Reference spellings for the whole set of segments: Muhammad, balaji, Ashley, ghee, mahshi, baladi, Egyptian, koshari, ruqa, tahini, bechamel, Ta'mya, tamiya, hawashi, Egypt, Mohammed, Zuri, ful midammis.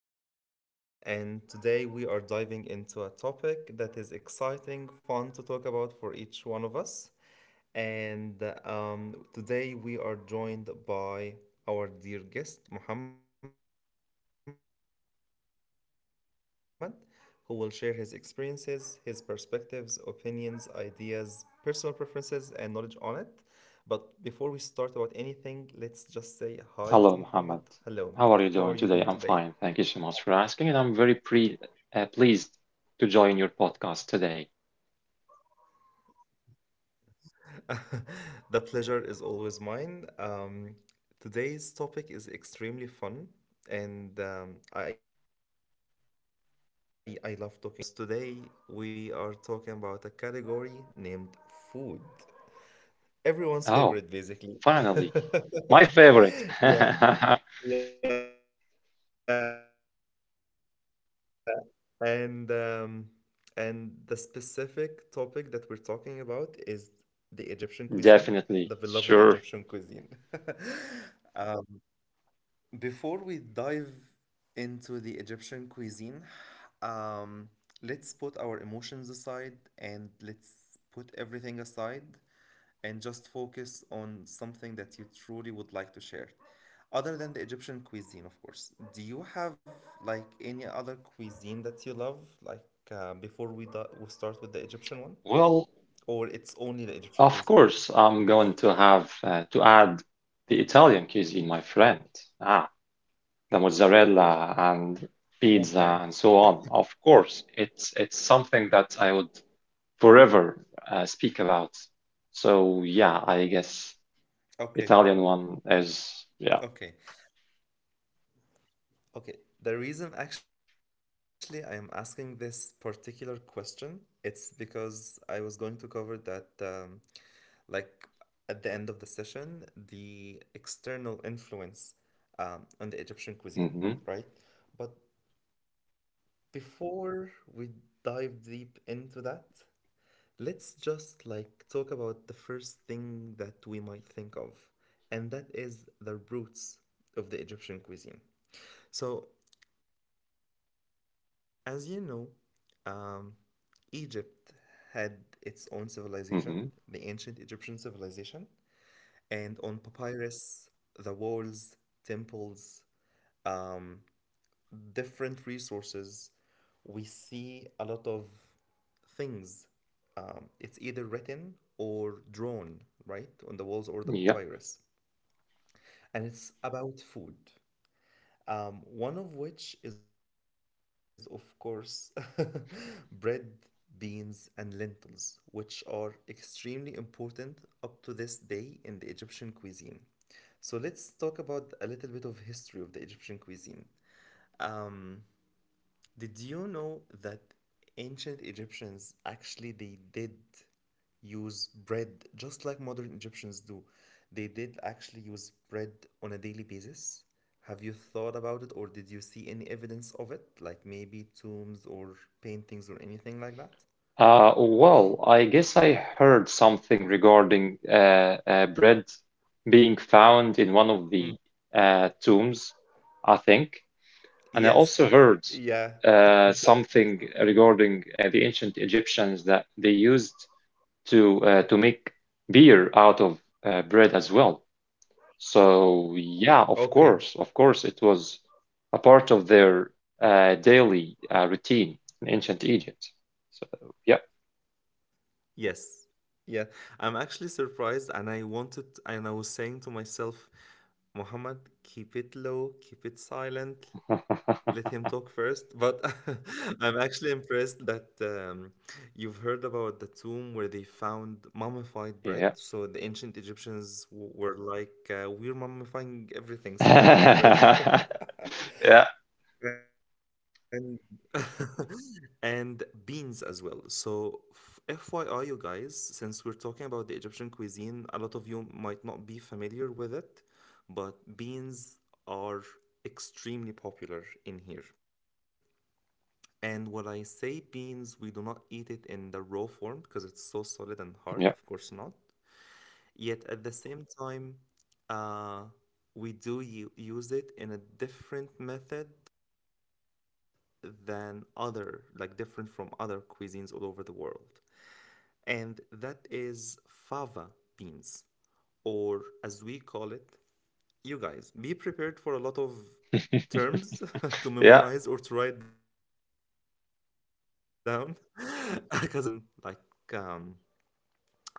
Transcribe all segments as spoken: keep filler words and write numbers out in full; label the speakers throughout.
Speaker 1: This is Muhammad, and today we are diving into a topic that is exciting, fun to talk about for each one of us. And um, Today we are joined by our dear guest, Muhammad, who will share his experiences, his perspectives, opinions, ideas, personal preferences, and knowledge on it. But before we start about anything, let's just say hi to Muhammad. Hello, how are you doing today?
Speaker 2: Hello, Mohammed. How are you doing today? I'm fine. Thank you so much for asking, and I'm very pre uh, pleased to join your podcast today.
Speaker 1: The pleasure is always mine. Um, today's topic is extremely fun, and um, I, I love talking about it. And I never get bored of it because today we are talking about a category named food. Everyone's
Speaker 2: Oh,
Speaker 1: favorite, basically.
Speaker 2: finally, my favorite.
Speaker 1: Yeah. Yeah, and um, and the specific topic that we're talking about is the Egyptian cuisine, the beloved Egyptian cuisine.
Speaker 2: Definitely, sure.
Speaker 1: Um, Before we dive into the Egyptian cuisine, um, let's put our emotions aside and let's put everything aside and just focus on something that you truly would like to share. Other than the Egyptian cuisine, of course. Do you have like any other cuisine that you love? Like uh, before we do- we start with the Egyptian one,
Speaker 2: Well,
Speaker 1: or it's only the Egyptian
Speaker 2: of
Speaker 1: cuisine?
Speaker 2: course, I'm going to have uh, to add the Italian cuisine, my friend. Ah, the mozzarella and
Speaker 1: Okay,
Speaker 2: pizza and so on. Of course, it's it's something that I would forever uh, speak about. So yeah, I guess
Speaker 1: okay,
Speaker 2: Italian one as yeah.
Speaker 1: okay. Okay, the reason actually I am asking this particular question, it's because I was going to cover that, um, like at the end of the session, the external influence um, on the Egyptian cuisine,
Speaker 2: Hmm.
Speaker 1: right? But before we dive deep into that, let's just like talk about the first thing that we might think of, and that is the roots of the Egyptian cuisine. So, as you know, um, Egypt had its own civilization, the ancient Egyptian
Speaker 2: Hmm.
Speaker 1: civilization, and on papyrus, the walls, temples, um, different resources, we see a lot of things. Um, it's either written or drawn, right, on the walls or the
Speaker 2: Yeah.
Speaker 1: papyrus. And it's about food. Um, one of which is, of course, bread, beans, and lentils, which are extremely important up to this day in the Egyptian cuisine. So let's talk about a little bit of history of the Egyptian cuisine. Um, did you know that ancient Egyptians actually they did use bread just like modern Egyptians do. They did actually use bread on a daily basis. Have you thought about it or did you see any evidence of it? Like maybe tombs or paintings or anything like that?
Speaker 2: Uh, well, I guess I heard something regarding uh, uh, bread being found in one of the uh,
Speaker 1: Mm.
Speaker 2: tombs, I think. And I also heard
Speaker 1: Yes.
Speaker 2: uh,
Speaker 1: Yeah.
Speaker 2: something regarding uh, the ancient Egyptians that they used to uh, to make beer out of uh, bread as well. So yeah, of course, of course,
Speaker 1: Okay.
Speaker 2: it was a part of their uh, daily uh, routine in ancient Egypt. So yeah.
Speaker 1: Yes. Yeah. I'm actually surprised and I wanted and I was saying to myself, Muhammad, keep it low, keep it silent, let him talk first. But I'm actually impressed that um, you've heard about the tomb where they found mummified
Speaker 2: Yeah.
Speaker 1: bread. So the ancient Egyptians w- were like, uh, we're mummifying everything, so why not bread?
Speaker 2: Yeah,
Speaker 1: and and beans as well. So, f- FYI, you guys, since we're talking about the Egyptian cuisine, a lot of you might not be familiar with it, but beans are extremely popular in here. And when I say beans, we do not eat it in the raw form because it's so solid and hard, of
Speaker 2: yeah,
Speaker 1: course not. Yet at the same time, uh, we do u- use it in a different method than other, like different from other cuisines all over the world. And that is fava beans, or as we call it, you guys, be prepared for a lot of terms to memorize or to write down
Speaker 2: yeah.
Speaker 1: because because you know it, each cuisine has its own like um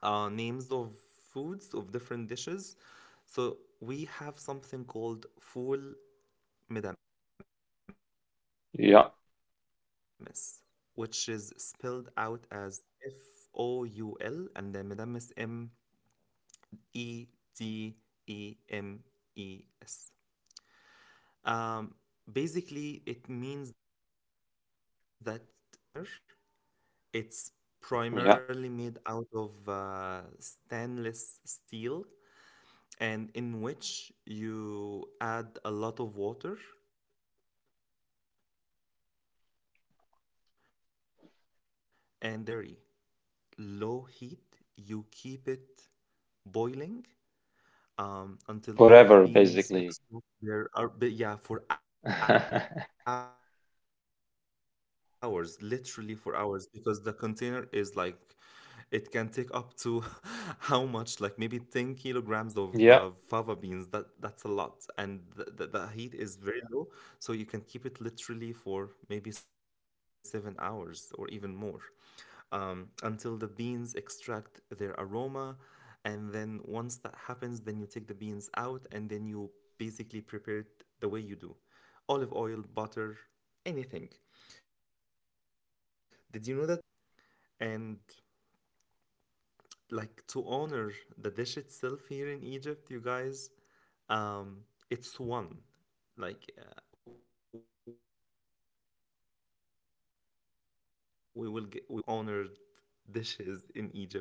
Speaker 1: uh, names of foods of different dishes. So we have something called ful midammis, which is spelled
Speaker 2: Yeah,
Speaker 1: out as F O U L and then midammis M E D E M E S. Um, Basically, it means that we, we use a lot of, like, we use a huge container. It's
Speaker 2: yeah,
Speaker 1: primarily made out of uh, stainless steel and in which you add a lot of water and then the fava beans, right? And on a very, very low heat, you keep it boiling um, until all of the
Speaker 2: forever
Speaker 1: beans
Speaker 2: basically.
Speaker 1: extract their are but yeah for hours literally for hours because the container is like it can take up to how much like maybe ten kilograms of uh, fava beans that that's a lot and the, the, the
Speaker 2: Yeah,
Speaker 1: heat is very Yeah. low so you can keep it literally for maybe seven hours or even more um, until the beans extract their aroma and then once that happens then you take the beans out and then you basically prepared the way you do olive oil, butter, anything. Did you know that ancient Egyptians as well they used beans um, and like to honor the dish itself here in Egypt, you guys? Um, it's one. Like uh, we will g we will cover that later, but it's one of the most recognized and honored dishes in Egypt,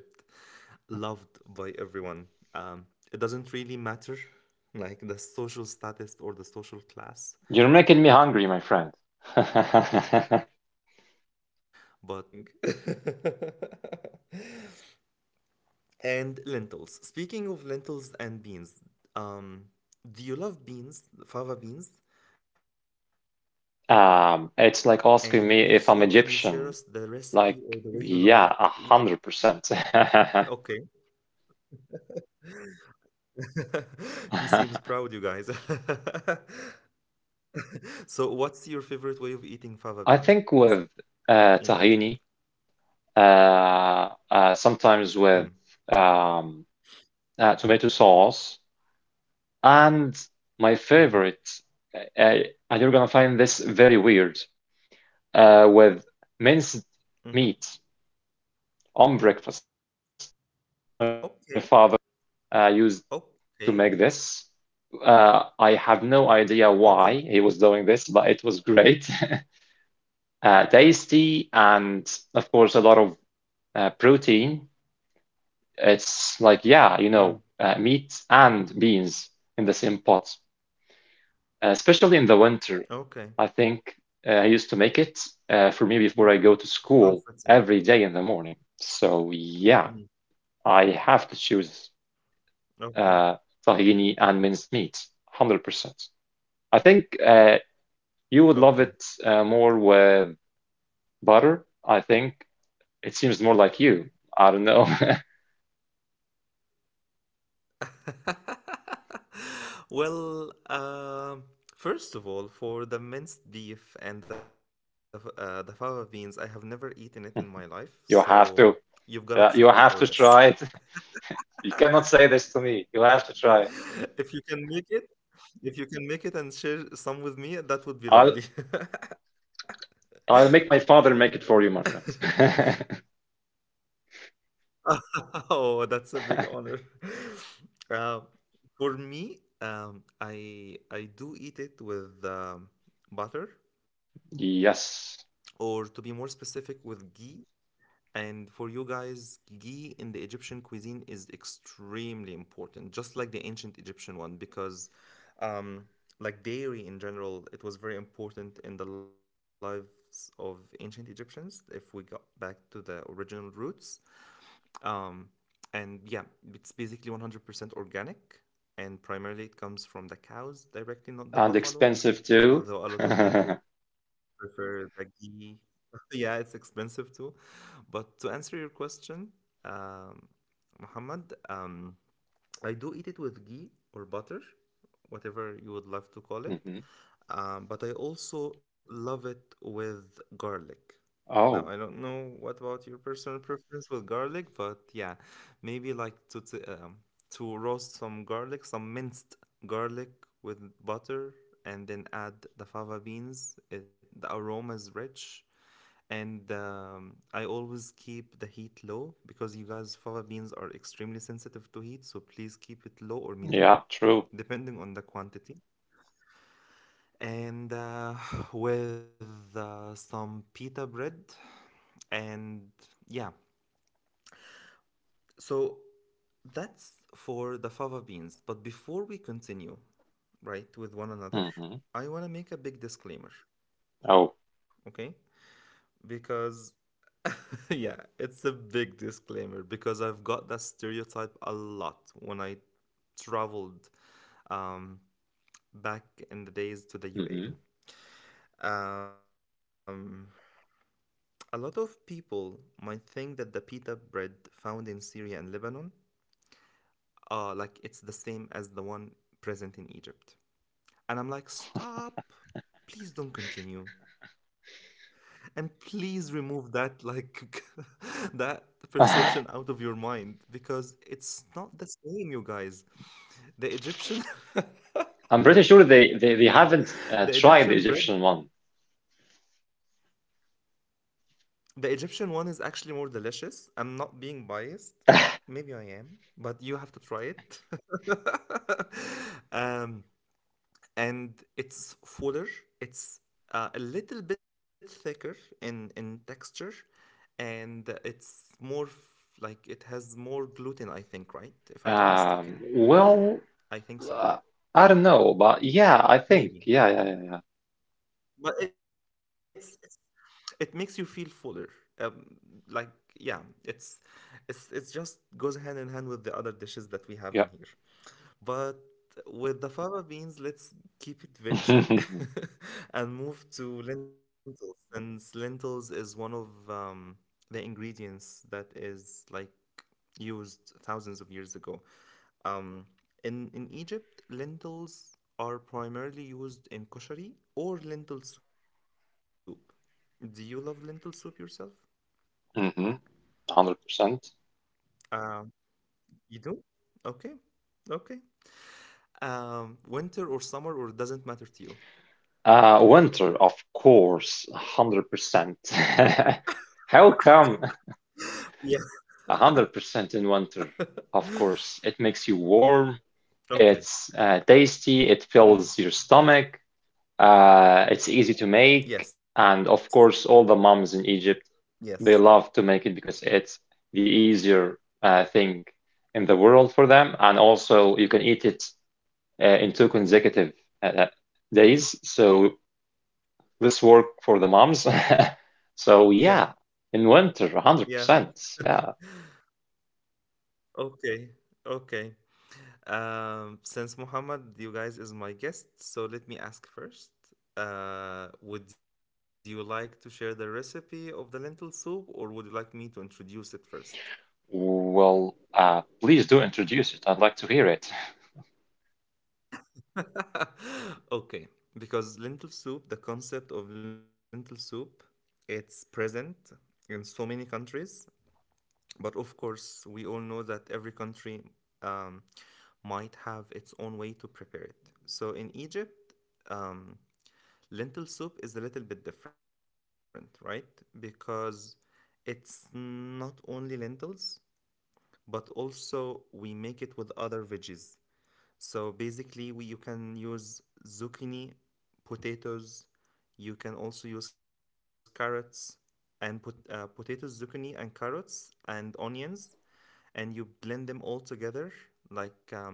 Speaker 1: loved by everyone. Um, it doesn't really matter, like the social status or the social class,
Speaker 2: you're making me
Speaker 1: but
Speaker 2: hungry, my
Speaker 1: it's
Speaker 2: friend.
Speaker 1: loved. This is the beginning. And lentils. Speaking of lentils and beans, um, do you love beans, fava beans? And if so, can you share us the
Speaker 2: Um, it's like
Speaker 1: recipe or the
Speaker 2: asking
Speaker 1: way
Speaker 2: me
Speaker 1: you love
Speaker 2: if
Speaker 1: to
Speaker 2: I'm
Speaker 1: eat it?
Speaker 2: Egyptian. Like, yeah,
Speaker 1: Okay.
Speaker 2: a hundred percent.
Speaker 1: He seems proud, you guys. So, what's your favorite way of eating fava beans in
Speaker 2: I
Speaker 1: Egypt?
Speaker 2: think with uh, tahini,
Speaker 1: Mm.
Speaker 2: uh, uh, sometimes with um, uh, tomato sauce, and
Speaker 1: Hmm.
Speaker 2: my favorite, uh, uh, and you're gonna find this very weird, uh, with
Speaker 1: Hmm.
Speaker 2: minced meat on breakfast.
Speaker 1: Okay.
Speaker 2: My father uh, used
Speaker 1: Okay.
Speaker 2: to make this. Uh, I have no
Speaker 1: Okay.
Speaker 2: idea why he was doing this, but it was great, uh, tasty, and of course a lot of uh, protein. It's like,
Speaker 1: Mm.
Speaker 2: yeah, you know, uh, meat and beans in the same pot, uh, especially in the winter.
Speaker 1: Okay.
Speaker 2: I think uh, I used to make it uh,
Speaker 1: Mm.
Speaker 2: for me before I go to
Speaker 1: Comforting.
Speaker 2: school every day in the morning. So
Speaker 1: Mm.
Speaker 2: yeah, I have to choose
Speaker 1: Okay.
Speaker 2: uh, tahini and minced meat, one hundred percent. I think uh, you would love it
Speaker 1: Okay.
Speaker 2: uh, more with butter. I think it seems more like you. I don't know.
Speaker 1: well, um, first of all, for the minced beef and the f- uh, the fava beans, I have never eaten it in my life, so
Speaker 2: You have
Speaker 1: you've
Speaker 2: to,
Speaker 1: gotta treat me
Speaker 2: uh,
Speaker 1: for
Speaker 2: you have
Speaker 1: this.
Speaker 2: to try it. You cannot say this to me. You have to try.
Speaker 1: if you can make it, if you can make it and share some with me, that would be
Speaker 2: I'll
Speaker 1: lovely.
Speaker 2: I'll make my father make it for you, my friend.
Speaker 1: oh, that's a big honor. Uh, for me, um, I I do eat it with um, butter. Or
Speaker 2: Yes,
Speaker 1: to be more specific with ghee. And for you guys, ghee in the Egyptian cuisine is extremely important, just like the ancient Egyptian one, because um, like dairy in general, it was very important in the lives of ancient Egyptians. If we got back to the original roots, um, and yeah, it's basically one hundred percent organic, and primarily it comes from the cows directly, not the
Speaker 2: and
Speaker 1: buffalo.
Speaker 2: expensive too.
Speaker 1: Though a lot of people prefer the ghee. Yeah, it's expensive too. But to answer your question, um, Muhammad, um, I do eat it with ghee or butter, whatever you would love to call it.
Speaker 2: Mhm.
Speaker 1: Um, but I also love it with garlic. Now, I
Speaker 2: Oh,
Speaker 1: don't know what about your personal preference with garlic, but yeah, maybe like to t um, to roast some garlic, some minced garlic with butter, and then add the fava beans. It, the aroma is rich, and um, I always keep the heat low because you guys, fava beans are extremely sensitive to heat, so please keep it low or medium,
Speaker 2: yeah, true.
Speaker 1: depending on the quantity and uh, with uh, some pita bread and yeah so that's for the fava beans but before we continue right with one another
Speaker 2: Hmm.
Speaker 1: I want to make a big disclaimer.
Speaker 2: Oh.
Speaker 1: Okay, because yeah it's a big disclaimer because I've got that stereotype a lot when I traveled um, back in the days to the
Speaker 2: Hmm.
Speaker 1: UAE um, a lot of people might think that the pita bread found in Syria and Lebanon are like it's the same as the one present in Egypt. And I'm like, stop. Please don't continue. And please remove that like that perception out of your mind because it's not the same, you guys. The Egyptian
Speaker 2: I'm pretty sure they they, they haven't uh,
Speaker 1: the
Speaker 2: tried the
Speaker 1: Egyptian bread.
Speaker 2: Egyptian one.
Speaker 1: The Egyptian one is actually more delicious. I'm not being biased. Maybe I am, but you have to try it. um, and it's fuller. It's uh, a little bit thicker in in texture, and it's more f- like it has more gluten. I think, right? If I'm not
Speaker 2: Um,
Speaker 1: mistaken,
Speaker 2: well,
Speaker 1: I think
Speaker 2: uh,
Speaker 1: so.
Speaker 2: I don't know, but yeah, I think yeah,
Speaker 1: Maybe,
Speaker 2: yeah,
Speaker 1: but it's it's it makes you feel fuller um, like yeah it's it's it's just goes hand in hand with the other dishes that we have
Speaker 2: yeah,
Speaker 1: in here but with the fava beans let's keep it
Speaker 2: yeah.
Speaker 1: veggie and move to lentils since lentils is one of um, the ingredients that is like used thousands of years ago um, in in Egypt lentils are primarily used in koshari or lentil soup. Do you love lentil soup yourself?
Speaker 2: Mm-hmm, one hundred percent.
Speaker 1: Um, you do? Okay. Okay. Um, winter or summer or doesn't matter to you.
Speaker 2: Uh, winter, of course, one hundred percent. How come
Speaker 1: Yeah.
Speaker 2: one hundred percent in winter? Of course, it makes you warm,
Speaker 1: Okay.
Speaker 2: it's uh, tasty, it
Speaker 1: Mm.
Speaker 2: fills your stomach, uh, it's easy to make,
Speaker 1: Yes.
Speaker 2: and of course, all the moms in Egypt,
Speaker 1: Yes.
Speaker 2: they love to make it because it's the easier uh, thing in the world for them, and also you can eat it uh, in two consecutive uh, days, so this work for the moms.
Speaker 1: Yeah.
Speaker 2: So yeah, in winter,
Speaker 1: Yeah.
Speaker 2: one hundred percent. Yeah.
Speaker 1: Okay. Okay. Um, since Muhammad, you guys is my guest, so let me ask first. Uh, would you like to share the recipe of the lentil soup, or would you like me to introduce it first?
Speaker 2: Well, uh, please do introduce it. I'd like to hear it.
Speaker 1: okay, because lentil soup, the concept of lentil soup, it's present in so many countries, but of course, we all know that every country um, might have its own way to prepare it. So in Egypt, um, lentil soup is a little bit different, right? Because it's not only lentils, but also we make it with other veggies. So basically, we, you can use zucchini, potatoes. You can also use carrots and put uh, potatoes, zucchini, and carrots and onions, and you blend them all together. Like um,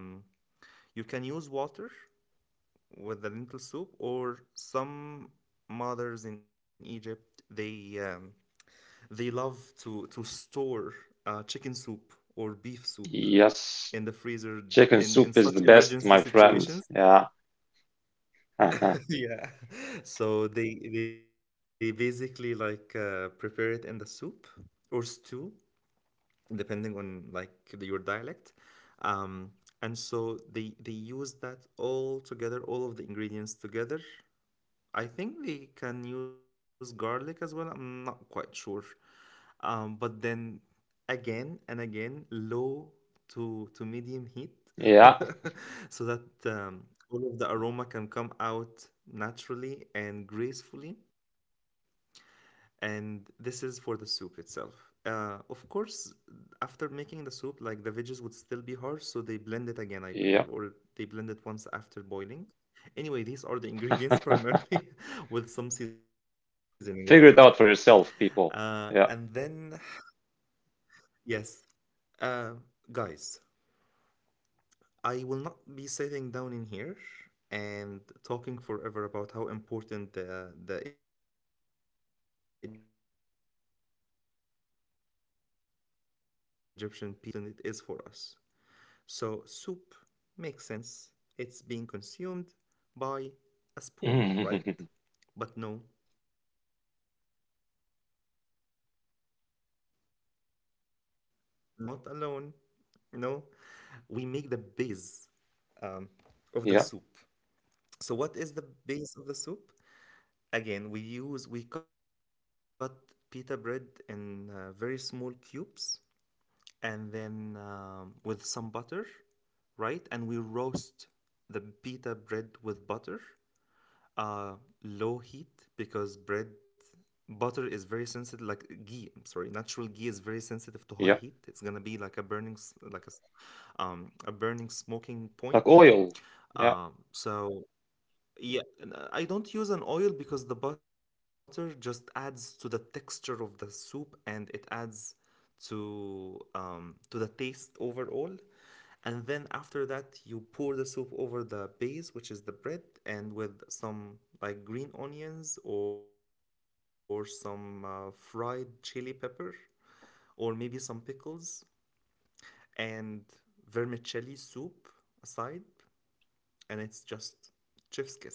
Speaker 1: you can use water with the lentil soup, or some mothers in Egypt they um, they love to to store uh, chicken soup or beef soup
Speaker 2: Yes,
Speaker 1: in the freezer
Speaker 2: chicken
Speaker 1: in in
Speaker 2: soup is
Speaker 1: such
Speaker 2: the best,
Speaker 1: emergency
Speaker 2: my friend.
Speaker 1: situations.
Speaker 2: Yeah.
Speaker 1: Yeah. So they they basically like uh, prepare it in the soup or stew, depending on like the, your dialect. Um, and so they they use that all together, all of the ingredients together. I think they can use garlic as well. I'm not quite sure. Um, but then again and again, low to to medium heat,
Speaker 2: Yeah.
Speaker 1: so that um, all of the aroma can come out naturally and gracefully, and this is for the soup itself. Uh, of course, after making the soup, like the veggies would still be harsh, so they blend it again, I believe, or
Speaker 2: Yeah.
Speaker 1: they blend it once after boiling. Anyway, these are the ingredients primarily, with some seasoning, of course.
Speaker 2: Figure it out for
Speaker 1: Uh,
Speaker 2: yourself,
Speaker 1: and
Speaker 2: people.
Speaker 1: then,
Speaker 2: Yeah.
Speaker 1: yes, uh, guys, I will not be sitting down in here and talking forever about how important the, the Egyptian pita bread is. But I'm gonna just give you a glimpse of how important it is for us. So, soup makes sense. It's being consumed by a spoon, right? But no, no. Yeah, well, it is by a spoon, yeah, but it's not alone. No, we make the base um, of the soup.
Speaker 2: Yeah.
Speaker 1: So, what is the base of the soup? Again, we use, we cut pita bread in uh, very small cubes, and then um, with some butter, right? And we roast the pita bread with butter, uh, low heat because bread butter is very sensitive. Like ghee, I'm sorry, natural ghee is very sensitive to high heat.
Speaker 2: Yeah.
Speaker 1: It's gonna be like a burning, s- like a, s- um, a burning smoking
Speaker 2: Like
Speaker 1: point.
Speaker 2: oil. Yeah.
Speaker 1: Um, so yeah, and, uh, I don't use an oil because the butter just adds to the texture of the soup, and it adds to um, to the taste overall. And then after that, you pour the soup over the base, which is the bread, and with some like green onions or some uh, fried chili pepper or maybe some pickles and vermicelli soup aside, and it's just chef's kiss.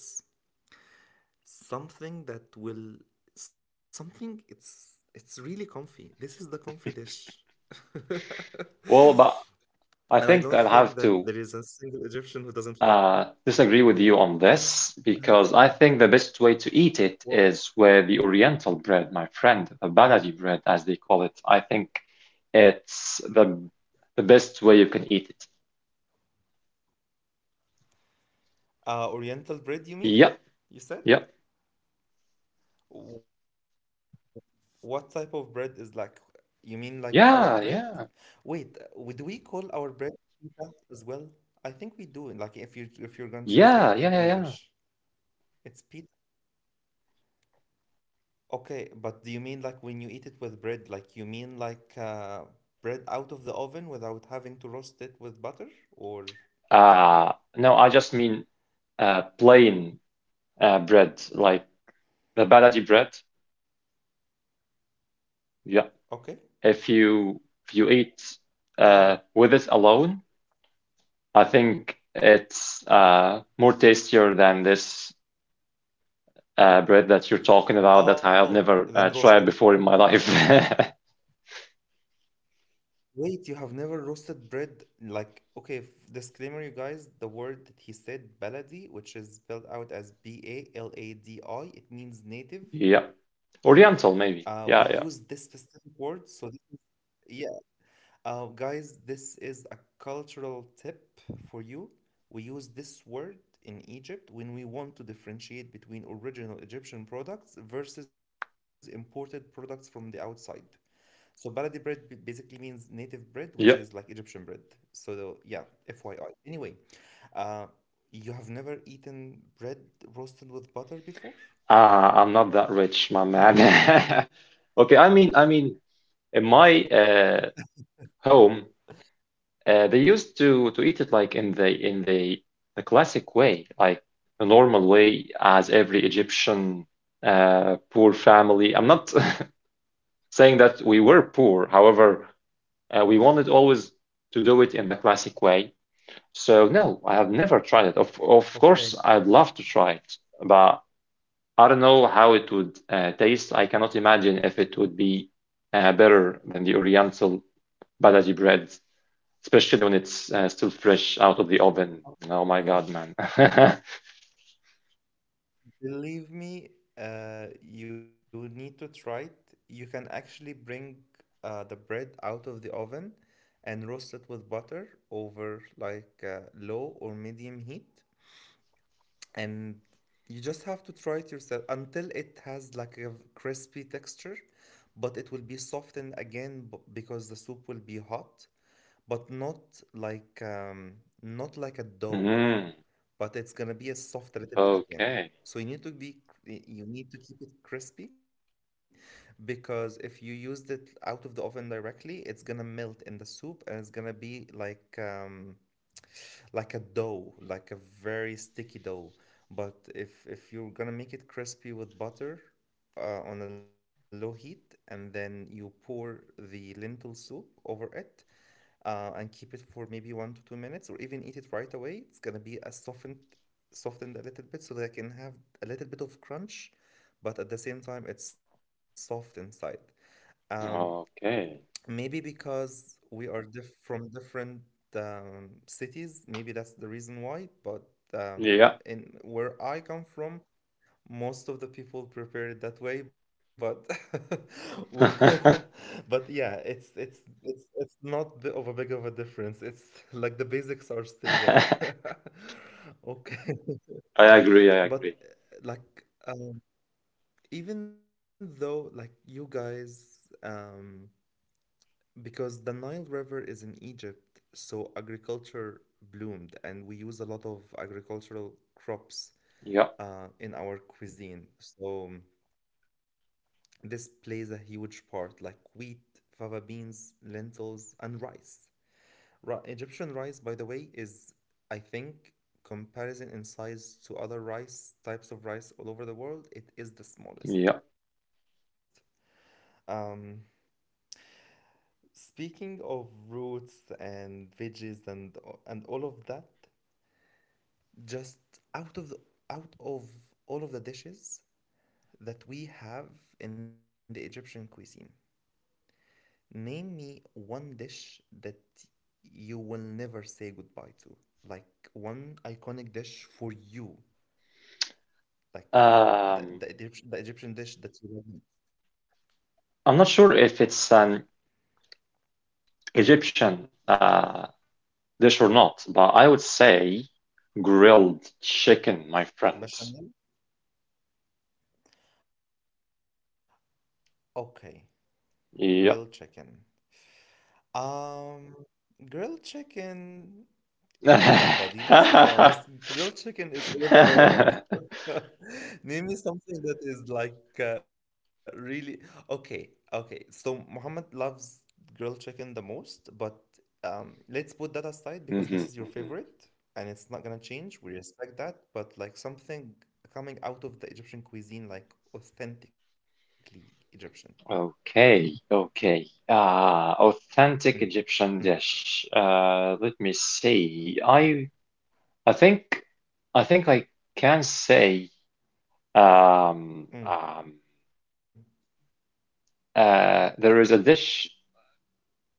Speaker 1: Something that will, something, it's it's really comfy. This is the comfy dish, and
Speaker 2: Well, but
Speaker 1: I
Speaker 2: I
Speaker 1: don't
Speaker 2: think
Speaker 1: think
Speaker 2: I'll
Speaker 1: that
Speaker 2: have
Speaker 1: there is
Speaker 2: to
Speaker 1: a single Egyptian who doesn't like it.
Speaker 2: uh, disagree with you on this because I think the best way to eat it is
Speaker 1: What?
Speaker 2: with the Oriental bread, my friend, the balaji bread, as they call it. I think it's the the best way you can eat it.
Speaker 1: Uh oriental bread, you
Speaker 2: Yep,
Speaker 1: mean? You
Speaker 2: yep,
Speaker 1: said, Wh- what type of bread is like, you mean like our bread?
Speaker 2: yeah, yeah,
Speaker 1: Wait, uh, w- do we call our bread pita as well? I think we do. Like if you, if you're gonna translate it
Speaker 2: yeah,
Speaker 1: in
Speaker 2: yeah, yeah,
Speaker 1: English, it's pita. Okay, but do you mean like when you eat it with bread, like you mean like uh, bread out of the oven without having to roast it with butter, or
Speaker 2: yeah. Uh, no, I just mean uh, plain uh, bread, like the balaji bread. Yeah,
Speaker 1: okay?
Speaker 2: if you if you eat uh,
Speaker 1: Oh,
Speaker 2: with it alone, I think it's uh, more tastier than this uh, bread that you're talking about that I have
Speaker 1: oh,
Speaker 2: never
Speaker 1: then
Speaker 2: uh,
Speaker 1: roasted.
Speaker 2: tried before in my life.
Speaker 1: Wait, you have never roasted bread? Like, okay, f- disclaimer, you guys, the word that he said, baladi, which is spelled out as B A L A D I, it means native.
Speaker 2: Yeah.
Speaker 1: Uh,
Speaker 2: Oriental,
Speaker 1: we
Speaker 2: maybe.
Speaker 1: use this
Speaker 2: Yeah, yeah.
Speaker 1: specific word, so this is, yeah, Uh, guys, this is a cultural tip for you. We use this word in Egypt when we want to differentiate between original Egyptian products versus imported products from the outside. So, baladi bread b- basically means native bread, which is like
Speaker 2: Yeah.
Speaker 1: Egyptian bread. So, the- yeah, F Y I. Anyway, uh, you have never eaten bread roasted with butter before?
Speaker 2: Uh, I'm not that rich, my man. Okay, I mean, I mean, in my uh, home, uh, they used to to eat it like in the in the the classic way, like the normal way, as every Egyptian uh, poor family. I'm not saying that we were poor, however. Uh, we wanted always to do it in the classic way. So no, I have never tried it. Of of
Speaker 1: Okay.
Speaker 2: course, I'd love to try it, but I don't know how it would uh, taste. I cannot imagine if it would be uh, better than the Oriental Badaji bread, especially when it's uh, still fresh out of the oven. Oh my God,
Speaker 1: Okay.
Speaker 2: man.
Speaker 1: Believe me, uh, you need to try it. You can actually bring uh, the bread out of the oven and roast it with butter over like uh, low or medium heat. And you just have to try it yourself until it has like a v- crispy texture, but it will be softened again b- because the soup will be hot, but not like um, not like a
Speaker 2: Mm,
Speaker 1: dough, but it's gonna be a soft a little bit
Speaker 2: okay.
Speaker 1: again. So you need to be cr- y- you need to keep it crispy, because if you used it out of the oven directly, it's gonna melt in the soup and it's gonna be like um like a dough, like a very sticky dough. But if if you're gonna make it crispy with butter uh, on a low heat and then you pour the lentil soup over it, uh, and keep it for maybe one to two minutes or even eat it right away, it's gonna be a softened, softened a little bit so that I can have a little bit of crunch, but at the same time it's soft inside. Um,
Speaker 2: Okay.
Speaker 1: Maybe because we are diff from different um, cities, maybe that's the reason why. But
Speaker 2: Yeah.
Speaker 1: um, in where I come from, most of the people prepare it that way, but we,
Speaker 2: I
Speaker 1: but yeah, it's it's it's it's not bi- of a big of a difference. It's like the basics are still there. Okay.
Speaker 2: agree. I agree.
Speaker 1: But uh, like um, even though like you guys um because the Nile River is in Egypt, so agriculture bloomed and we use a lot of agricultural
Speaker 2: Yeah.
Speaker 1: crops uh in our cuisine, so um, this plays a huge part, like wheat, fava beans, lentils, and rice. Ri- Egyptian rice, by the way, is, I think, comparison in size to other rice types of rice all over the world, it is the
Speaker 2: Yeah.
Speaker 1: smallest. Um, Speaking of roots and veggies and and all of that, just out of the out of all of the dishes that we have in the Egyptian cuisine, name me one dish that you will never say goodbye to. Like one iconic dish for you. Like
Speaker 2: Um,
Speaker 1: the, the, Egypt- the Egyptian dish that you love.
Speaker 2: I'm not sure if it's an Egyptian uh, dish or not, but I would say grilled chicken, my friend.
Speaker 1: Bechamel? Okay. Grilled
Speaker 2: Yeah.
Speaker 1: chicken. Um, grilled chicken. Come on, buddy, let's be honest. Grilled chicken is all over the world. Name me something that is like uh, really okay. Okay, so Muhammad loves grilled chicken the most, but um, let's put that aside because this is your
Speaker 2: Mhm,
Speaker 1: favorite
Speaker 2: mhm.
Speaker 1: and it's not gonna change. We respect that, but like something coming out of the Egyptian cuisine, like authentically Egyptian.
Speaker 2: Okay, okay. Uh, authentic
Speaker 1: Mm,
Speaker 2: Egyptian
Speaker 1: mm,
Speaker 2: dish. Uh, let me see. I I think I think I can say um, um,
Speaker 1: mm,
Speaker 2: uh, there is a dish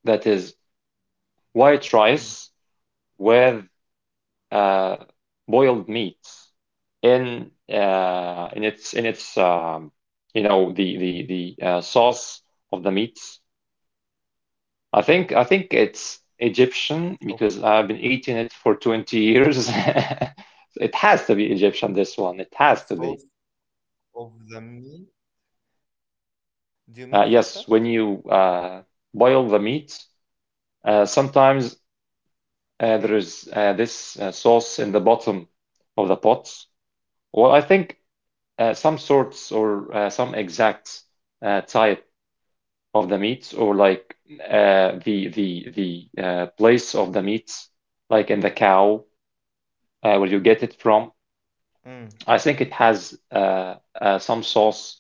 Speaker 2: that is white rice
Speaker 1: mm.
Speaker 2: with uh, boiled meat in uh, in its in its um, you know the the the uh, sauce of the meat. I think I think it's Egyptian because
Speaker 1: Okay,
Speaker 2: I've been eating it for twenty years. It has to be Egyptian, this one. It has to be.
Speaker 1: sauce of the meat. Do you mean
Speaker 2: Uh,
Speaker 1: fatta?
Speaker 2: yes, when you uh, boil the meat, uh, sometimes uh, there is
Speaker 1: Okay.
Speaker 2: uh, this uh, sauce in the bottom of the pot. Well, I think uh, some sorts or uh, some exact uh, type of the meat or like uh, the the the uh, place of the meat, like in the cow, uh, where you get it from. I think
Speaker 1: Mm.
Speaker 2: it has uh, uh, some sauce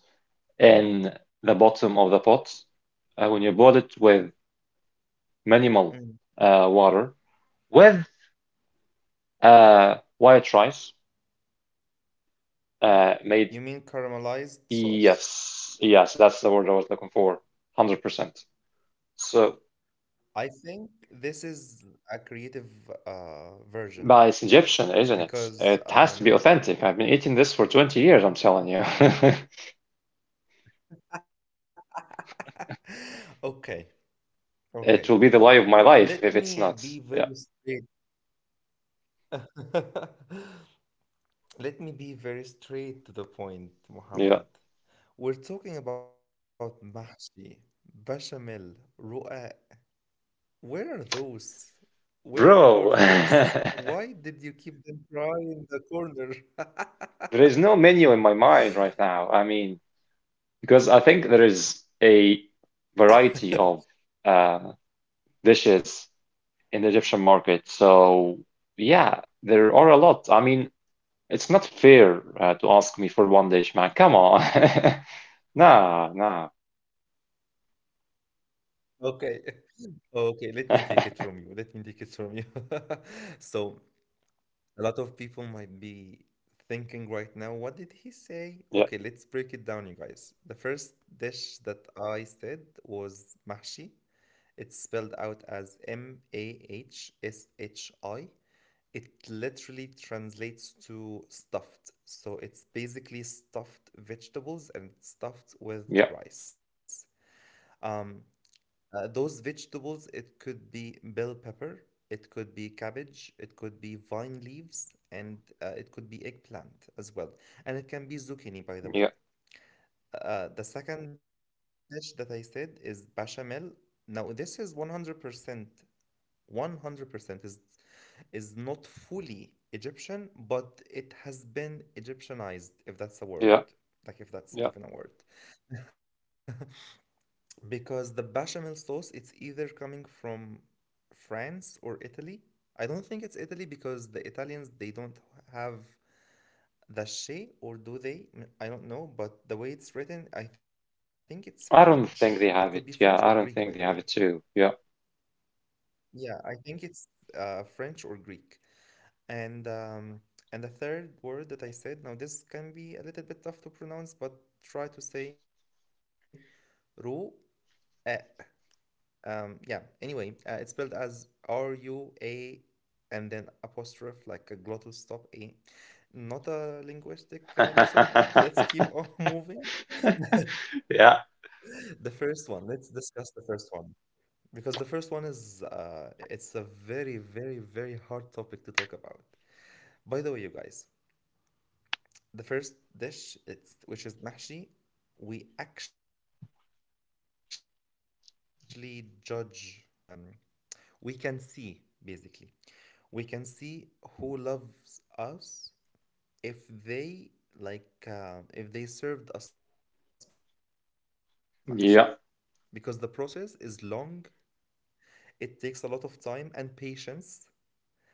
Speaker 2: in the bottom of the pot uh, when you boil it with minimal
Speaker 1: Mm.
Speaker 2: uh, water with uh, white rice uh, made
Speaker 1: You mean caramelized sauce?
Speaker 2: yes, yes, that's the word I was looking for. one hundred percent. So
Speaker 1: I think this is a creative uh,
Speaker 2: but
Speaker 1: version
Speaker 2: it's Egyptian, isn't it? It has
Speaker 1: because
Speaker 2: to be authentic.
Speaker 1: um,
Speaker 2: I've been eating this for twenty years, I'm telling you.
Speaker 1: okay,
Speaker 2: It will be
Speaker 1: okay.
Speaker 2: the lie of my life if
Speaker 1: Let
Speaker 2: it's not.
Speaker 1: me
Speaker 2: Yeah,
Speaker 1: be very straight. Let me be very straight to the point,
Speaker 2: yeah.
Speaker 1: Muhammad. We're talking about mahshi, bechamel, ruqa. Where are those? Where
Speaker 2: Bro,
Speaker 1: are those?
Speaker 2: there
Speaker 1: Why did you keep them dry in the corner?
Speaker 2: is no menu in my mind right now. I mean, because I think there is a variety of uh, dishes in the Egyptian market. So, yeah, there are a lot. I mean, it's not fair uh, to ask me for one dish, man. Come on. Nah, nah.
Speaker 1: Okay. Okay, let me take it from you. Let me take it from you. So, a lot of people might be thinking right now, what did he say? Okay, let's
Speaker 2: Yeah.
Speaker 1: break it down, you guys. The first dish that I said was mahshi. It's spelled out as M A H S H I. It literally translates to stuffed. So it's basically stuffed vegetables and it's stuffed
Speaker 2: Yeah.
Speaker 1: with rice. Um, uh, those vegetables, it could be bell pepper, it could be cabbage, it could be vine leaves, and uh, it could be eggplant as well. And it can be zucchini,
Speaker 2: Yeah,
Speaker 1: by the way. Uh, the second dish that I said is bechamel. Now, this is 100% 100% is is not fully Egyptian, but it has been Egyptianized, if that's a
Speaker 2: yeah,
Speaker 1: word, like if
Speaker 2: yeah.
Speaker 1: that's even a word. Because the bechamel sauce, it's either coming from France or Italy. I don't think it's Italy because the Italians they don't have the she or do they? Mm, I don't know, but the way it's written, I think it's
Speaker 2: I don't
Speaker 1: French.
Speaker 2: think
Speaker 1: It
Speaker 2: they
Speaker 1: could be
Speaker 2: have it.
Speaker 1: French or
Speaker 2: Yeah, I
Speaker 1: Greek,
Speaker 2: don't
Speaker 1: by the
Speaker 2: think they
Speaker 1: way.
Speaker 2: have it too. Yeah.
Speaker 1: Yeah, I think it's uh, French or Greek. And um, and the third word that I said, now this can be a little bit tough to pronounce, but try to say ru. Uh, Um, yeah, anyway, uh, it's spelled as R U A and then apostrophe, like a glottal stop A. Not a linguistic uh, lesson. Let's keep on
Speaker 2: Yeah,
Speaker 1: moving. The first one, let's discuss the first one. Because the first one is, uh, it's a very, very, very hard topic to talk about. By the way, you guys, the first dish, it's which is mahshi, we actually judge, not fully judge in the traditional definition, but um, we can see basically. We can see who loves us if they like uh, if they served us mahshi, because the process is
Speaker 2: yeah.
Speaker 1: long. It takes a lot of time and patience, and um,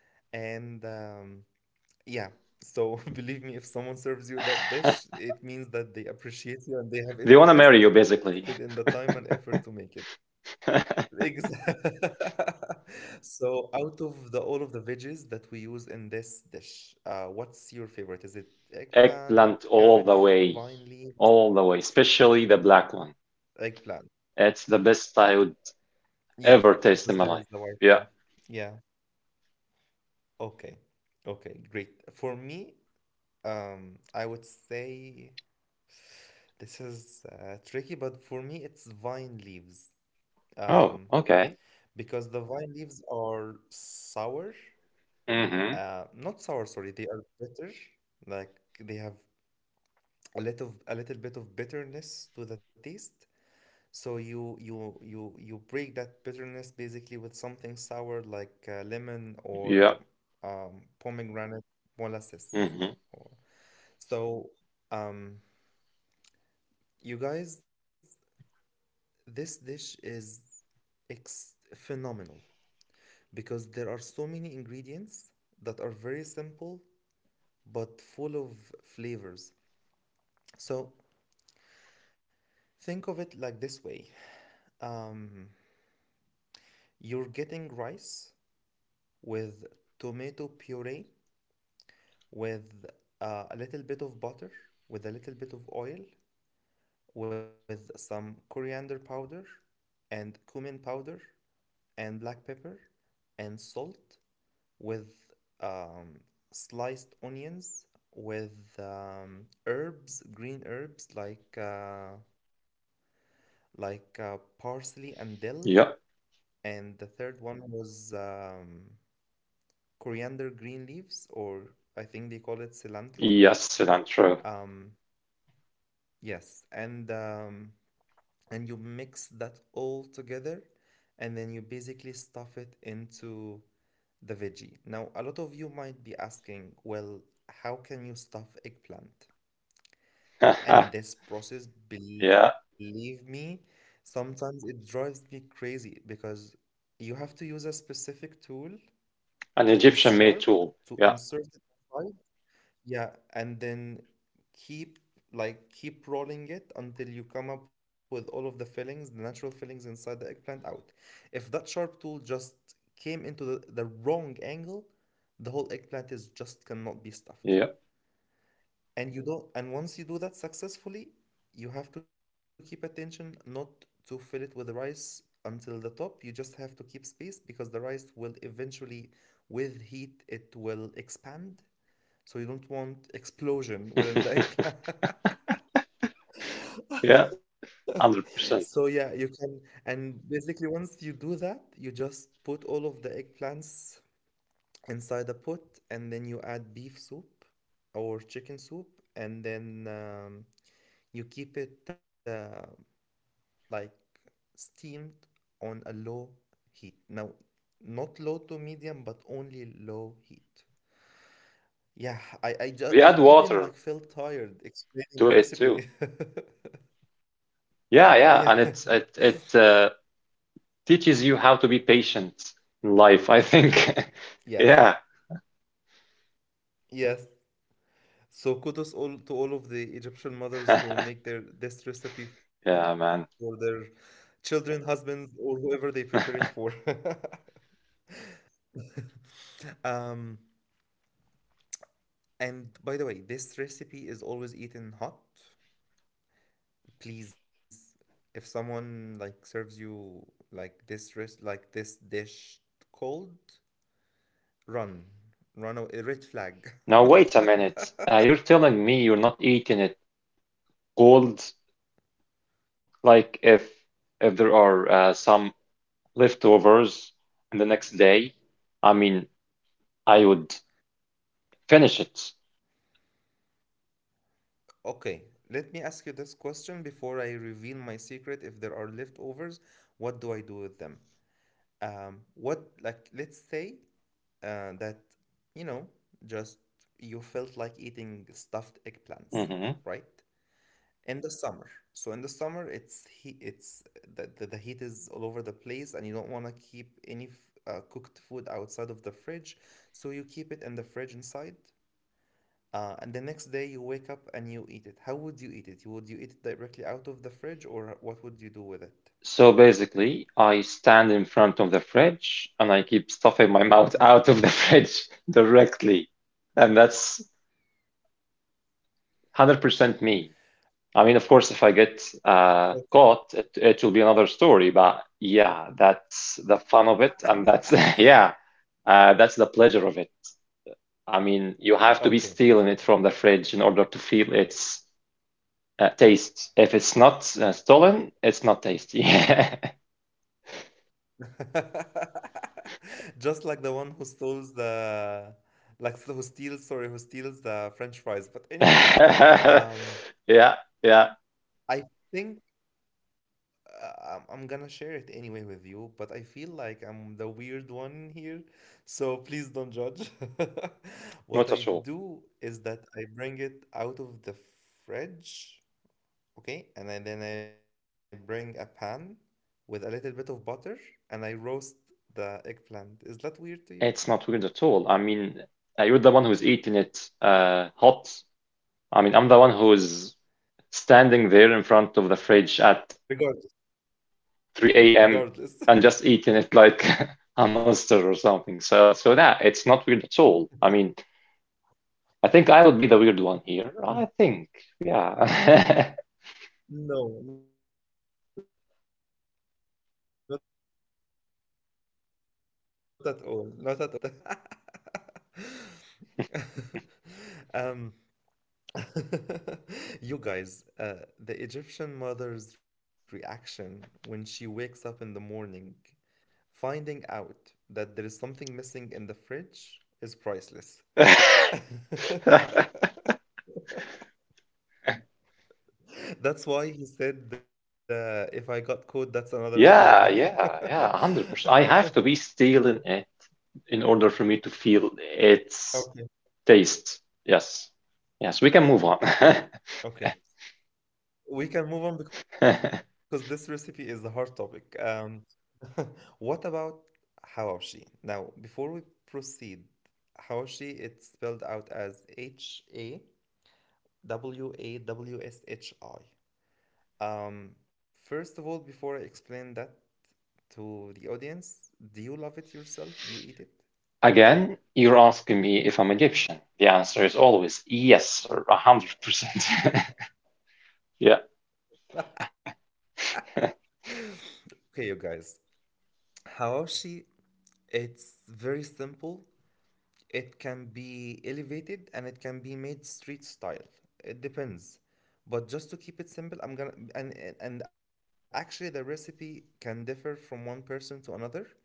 Speaker 1: yeah. So believe me, if someone serves you that dish, it means that they appreciate you and they have invested in the
Speaker 2: They want to
Speaker 1: time and
Speaker 2: marry you
Speaker 1: effort to make
Speaker 2: basically.
Speaker 1: it. Exactly. So out of the all of the veggies that we use in this dish, uh, what's your favorite? Is it eggplant, cabbage,
Speaker 2: Eggplant all
Speaker 1: vine
Speaker 2: the way,
Speaker 1: leaves?
Speaker 2: all the way, especially the
Speaker 1: Eggplant.
Speaker 2: black one. It's the best I would
Speaker 1: Yeah, because there is the
Speaker 2: ever
Speaker 1: white
Speaker 2: taste in
Speaker 1: one.
Speaker 2: my life.
Speaker 1: Yeah.
Speaker 2: Yeah.
Speaker 1: Okay. Okay, great. For me, um, I would say this is uh, tricky, but for me, it's vine leaves.
Speaker 2: Oh,
Speaker 1: Um,
Speaker 2: okay.
Speaker 1: because the vine leaves are sour,
Speaker 2: Mm-hmm.
Speaker 1: uh, not sour, sorry, they are bitter. Like they have a little, a little bit of bitterness to the taste. So you you you you break that bitterness basically with something sour like uh, lemon
Speaker 2: Yeah.
Speaker 1: or um, pomegranate molasses.
Speaker 2: Mm-hmm.
Speaker 1: or- So, um, you guys, this dish is It's phenomenal because there are so many ingredients that are very simple but full of flavors. So think of it like this way, um, you're getting rice with tomato puree, with uh, a little bit of butter, with a little bit of oil, with some coriander powder, and cumin powder, and black pepper, and salt, with um, sliced onions with um, herbs green herbs like uh, like uh, parsley and dill,
Speaker 2: Yeah.
Speaker 1: and the third one was um, coriander green leaves, or I think they call it cilantro.
Speaker 2: Yes, cilantro.
Speaker 1: um, yes, and um, and you mix that all together and then you basically stuff it into the veggie. Now, a lot of you might be asking, well, how can you stuff eggplant? And this process,
Speaker 2: Yeah.
Speaker 1: believe me, sometimes it drives me crazy because you have to use a specific tool
Speaker 2: An
Speaker 1: that is
Speaker 2: Egyptian
Speaker 1: sharp
Speaker 2: meat tool.
Speaker 1: to
Speaker 2: Yeah.
Speaker 1: insert it, yeah, and then keep, like, keep rolling it until you come up with all of the fillings, the natural fillings inside the eggplant out. If that sharp tool just came into the, the wrong angle, the whole eggplant is just cannot be stuffed.
Speaker 2: Yeah.
Speaker 1: And you don't and once you do that successfully, you have to keep attention not to fill it with rice until the top. You just have to keep space because the rice will eventually, with heat, it will expand, so you don't want explosion within the eggplant.
Speaker 2: Yeah.
Speaker 1: So
Speaker 2: one hundred percent.
Speaker 1: yeah, you can, and basically once you do that, you just put all of the eggplants inside a pot and then you add beef soup or chicken soup, and then um, you keep it uh, like steamed on a low heat. Now, not low to medium, but only low heat. Yeah, I I just
Speaker 2: We
Speaker 1: I
Speaker 2: add
Speaker 1: even
Speaker 2: water
Speaker 1: like felt tired explaining
Speaker 2: to
Speaker 1: the
Speaker 2: it too.
Speaker 1: recipe.
Speaker 2: Yeah,
Speaker 1: Yeah.
Speaker 2: yeah, and it's it it uh, teaches you how to be patient in life, I think.
Speaker 1: Yes.
Speaker 2: Yeah.
Speaker 1: Yes. So kudos all to all of the Egyptian mothers who make their this recipe for their
Speaker 2: Yeah, man.
Speaker 1: children, husbands, or whoever they prepare it for. Um, and by the way, this recipe is always eaten hot. Please, if someone like serves you like this res- like this dish cold, run. Run a red flag.
Speaker 2: Now wait a minute. Uh, you're telling me you're not eating it cold, like if if there are uh, some leftovers in the next day, I mean, I would finish it.
Speaker 1: Okay, let me ask you this question before I reveal my secret. If there are leftovers, what do I do with them? Um, what, like, let's say uh, that, you know, just you felt like eating stuffed eggplants,
Speaker 2: Mm-hmm.
Speaker 1: right? In the summer. So in the summer, it's he it's the, the, the heat is all over the place, and you don't want to keep any f- uh, cooked food outside of the fridge. So you keep it in the fridge inside, uh, and the next day you wake up and you eat it. How would you eat it? You Would you eat it directly out of the fridge, or what would you do with it?
Speaker 2: So basically, I stand in front of the fridge and I keep stuffing my mouth out of the fridge directly. And that's one hundred percent me. I mean, of course, if I get uh, caught, it, it will be another story. But yeah, that's the fun of it. And that's, yeah, uh, that's the pleasure of it. I mean, you have to be
Speaker 1: Okay. Okay.
Speaker 2: stealing it from the fridge in order to feel its uh, taste. If it's not uh, stolen, it's not tasty.
Speaker 1: Just like the one who steals the, like who steals, sorry, who steals the French fries. But anyway, um,
Speaker 2: Yeah. Yeah,
Speaker 1: I think, uh, I'm I'm gonna share it anyway with you, but I feel like I'm the weird one here, so please don't judge. What
Speaker 2: not
Speaker 1: I
Speaker 2: at all.
Speaker 1: do is that I bring it out of the fridge, okay, and I, then I bring a pan with a little bit of butter, and I roast the eggplant. Is that weird to you?
Speaker 2: It's not weird at all. I mean, uh, you're the one who's eating it uh, hot. I mean, I'm the one who's standing there in front of the fridge
Speaker 1: Regardless,
Speaker 2: at 3
Speaker 1: regardless
Speaker 2: a.m. and just eating it like a monster or something. So, so that it's not weird at all. I mean, I think I would be the weird one here. I think, yeah.
Speaker 1: no, not at all, not at all. I'm i'm that person when it comes to other types of food, but um you guys, uh the Egyptian mother's reaction when she wakes up in the morning, finding out that there is something missing in the fridge, is priceless. That's why he said, uh, if I got caught, that's another
Speaker 2: Yeah,
Speaker 1: story.
Speaker 2: yeah, yeah, one hundred percent. I have to be stealing it in order for me to feel it's
Speaker 1: Okay,
Speaker 2: taste. Yes. Yes, we can move on.
Speaker 1: okay. We can move on because this recipe is a hard topic. Um, what about hawashi? Now, before we proceed, hawashi, it's spelled out as H A W A W S H I. Um, First of all, before I explain that to the audience, do you love it yourself? Do you eat it?
Speaker 2: Again, you're asking me if I'm Egyptian. The answer is always yes, a one hundred percent. Yeah.
Speaker 1: Okay, you guys. Hawashi, it's very simple. It can be elevated and it can be made street style. It depends. But just to keep it simple, I'm gonna and and and actually the recipe can differ from one person to another.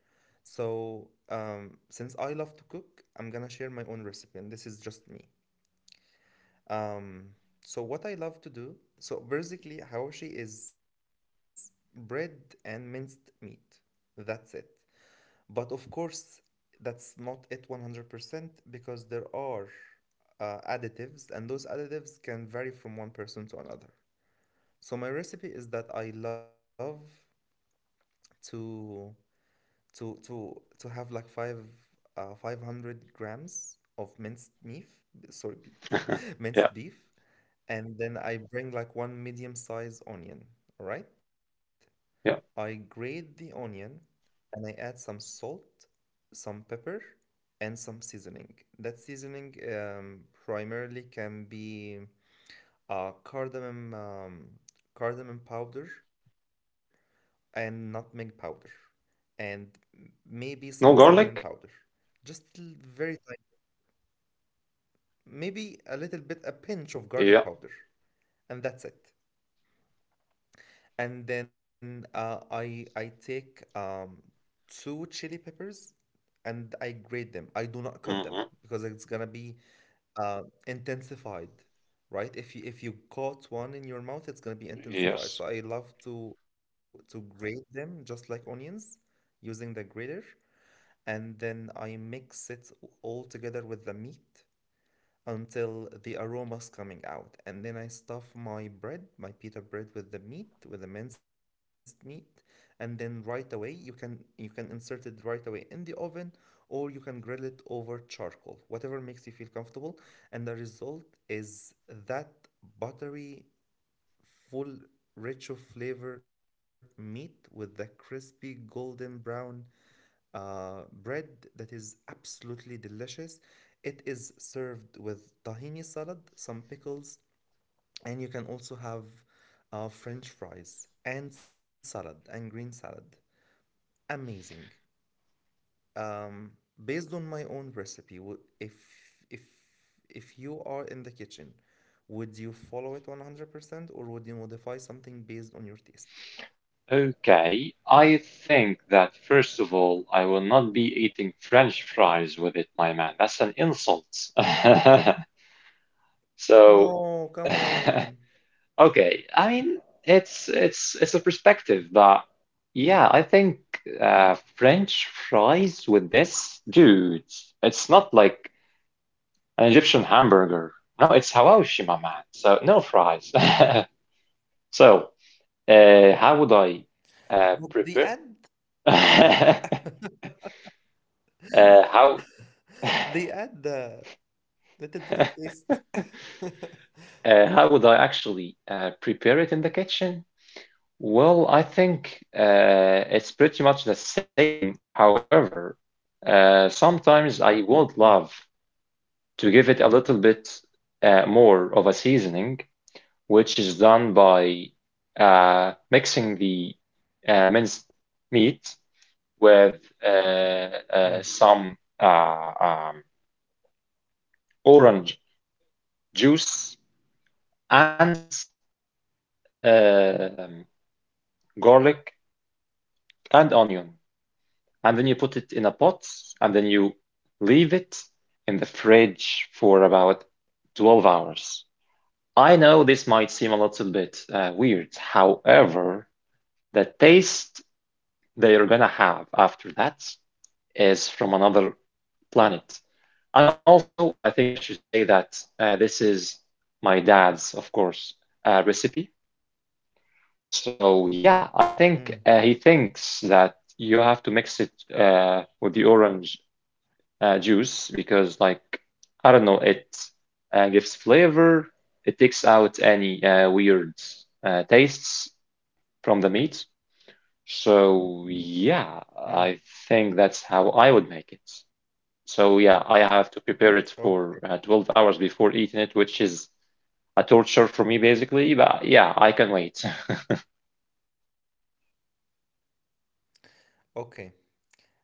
Speaker 1: So um, since I love to cook, I'm gonna share my own recipe, and this is just me. Um, so what I love to do, so basically hawashi is bread and minced meat. That's it. But of course, that's not it one hundred percent because there are uh, additives, and those additives can vary from one person to another. So my recipe is that I love to to to to have like five uh, five hundred grams of minced beef, sorry, be-
Speaker 2: Yeah.
Speaker 1: minced beef, and then I bring like one medium sized onion, all right?
Speaker 2: Yeah.
Speaker 1: I grate the onion and I add some salt, some pepper, and some seasoning. That seasoning, um, primarily, can be uh, cardamom, um, cardamom powder and nutmeg powder, and m- maybe
Speaker 2: No
Speaker 1: some
Speaker 2: garlic?
Speaker 1: cinnamon powder. Just l- Very tiny, maybe a little bit, a
Speaker 2: Yeah.
Speaker 1: pinch of garlic powder, and that's it. And then uh, I I take um, two chili peppers and I grate them. I do
Speaker 2: Hmm.
Speaker 1: not cut them because it's gonna be uh, intensified, right? If you if you caught one in your mouth, it's gonna be
Speaker 2: Yes.
Speaker 1: intensified. So I love to to grate them just like onions using the grater, and then I mix it all together with the meat until the aroma's coming out. And then I stuff my bread, my pita bread, with the meat, with the minced meat, and then right away you can, you can insert it right away in the oven, or you can grill it over charcoal, whatever makes you feel comfortable. And the result is that buttery, full, rich of flavor meat with the crispy golden brown uh, bread that is absolutely delicious. It is served with tahini salad, some pickles, and you can also have uh, French fries and salad and green salad. Amazing. Um, Based on my own recipe, wo- if if if you are in the kitchen, would you follow it one hundred percent or would you modify something based on your taste?
Speaker 2: Okay. I think that first of all, I will not be eating French fries with it, my man. That's an insult. So
Speaker 1: No, come on.
Speaker 2: okay, I mean it's it's it's a perspective, but yeah, I think uh, French fries with this, dude, it's not like an Egyptian hamburger. No, it's hawashi, my man. So no fries. So uh, how would I uh,
Speaker 1: But the
Speaker 2: prepare?
Speaker 1: end? Come on.
Speaker 2: uh, how uh,
Speaker 1: They add the little bit of taste.
Speaker 2: how would I actually uh, prepare it in the kitchen? Well, I think uh, it's pretty much the same. However, uh, sometimes I would love
Speaker 1: Mm,
Speaker 2: to give it a little bit uh, more of a seasoning, which is done by uh, mixing the uh, minced meat with uh, uh,
Speaker 1: mm,
Speaker 2: some uh, um, orange juice and uh, um, garlic and onion. And then you put it in a pot, and then you leave it in the fridge for about twelve hours. I know this might seem a little bit uh, weird. However, the taste that you're gonna have after that is from another planet. And also, I think I should say that uh, this is my dad's, of course, uh, recipe. So yeah, I think uh, he
Speaker 1: mm,
Speaker 2: thinks that you have to mix it uh, with the orange uh, juice because, like, I don't know, it uh, gives flavor, it takes out any uh, weird uh, tastes from the meat. So yeah, I
Speaker 1: mm.
Speaker 2: think that's how I would make it. So yeah, I have to prepare it for uh, twelve
Speaker 1: Okay.
Speaker 2: hours before eating it, which is a torture for me basically, but yeah, I can wait.
Speaker 1: Okay.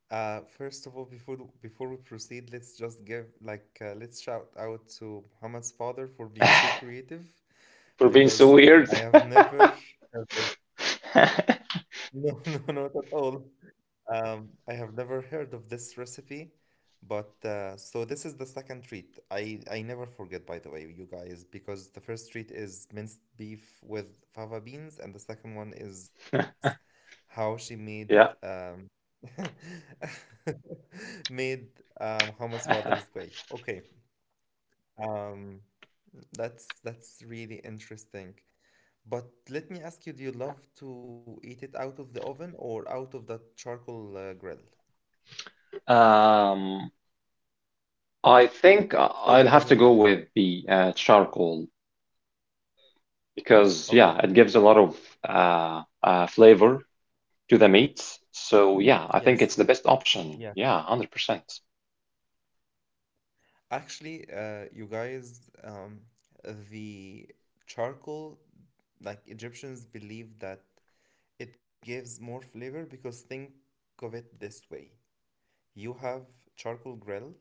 Speaker 1: Uh, first of all, before th- before we proceed, let's just give like, uh, let's shout out to Muhammad's father for being so creative,
Speaker 2: For being so
Speaker 1: because
Speaker 2: weird.
Speaker 1: I have never ever no, no, not at all. Um, I have never heard of this recipe, but uh, so this is the second treat. I I never forget, by the way, you guys, because the first treat is minced beef with fava beans, and the second one is how she made um,
Speaker 2: Yeah.
Speaker 1: made um, hummus Father's Way. Okay, um, that's that's really interesting. But let me ask you, do you love to eat it out of the oven or out of that charcoal uh, grill?
Speaker 2: um I think I-
Speaker 1: Or it
Speaker 2: I'll
Speaker 1: doesn't
Speaker 2: have to
Speaker 1: matter.
Speaker 2: go with the uh, charcoal because,
Speaker 1: Okay.
Speaker 2: yeah, it gives a lot of uh, uh, flavor to the meat. So, yeah, I
Speaker 1: Yes.
Speaker 2: think it's the best
Speaker 1: Yeah.
Speaker 2: option. Yeah, one hundred percent.
Speaker 1: Actually, uh, you guys, um, the charcoal, like Egyptians believe that it gives more flavor because think of it this way. You have charcoal grill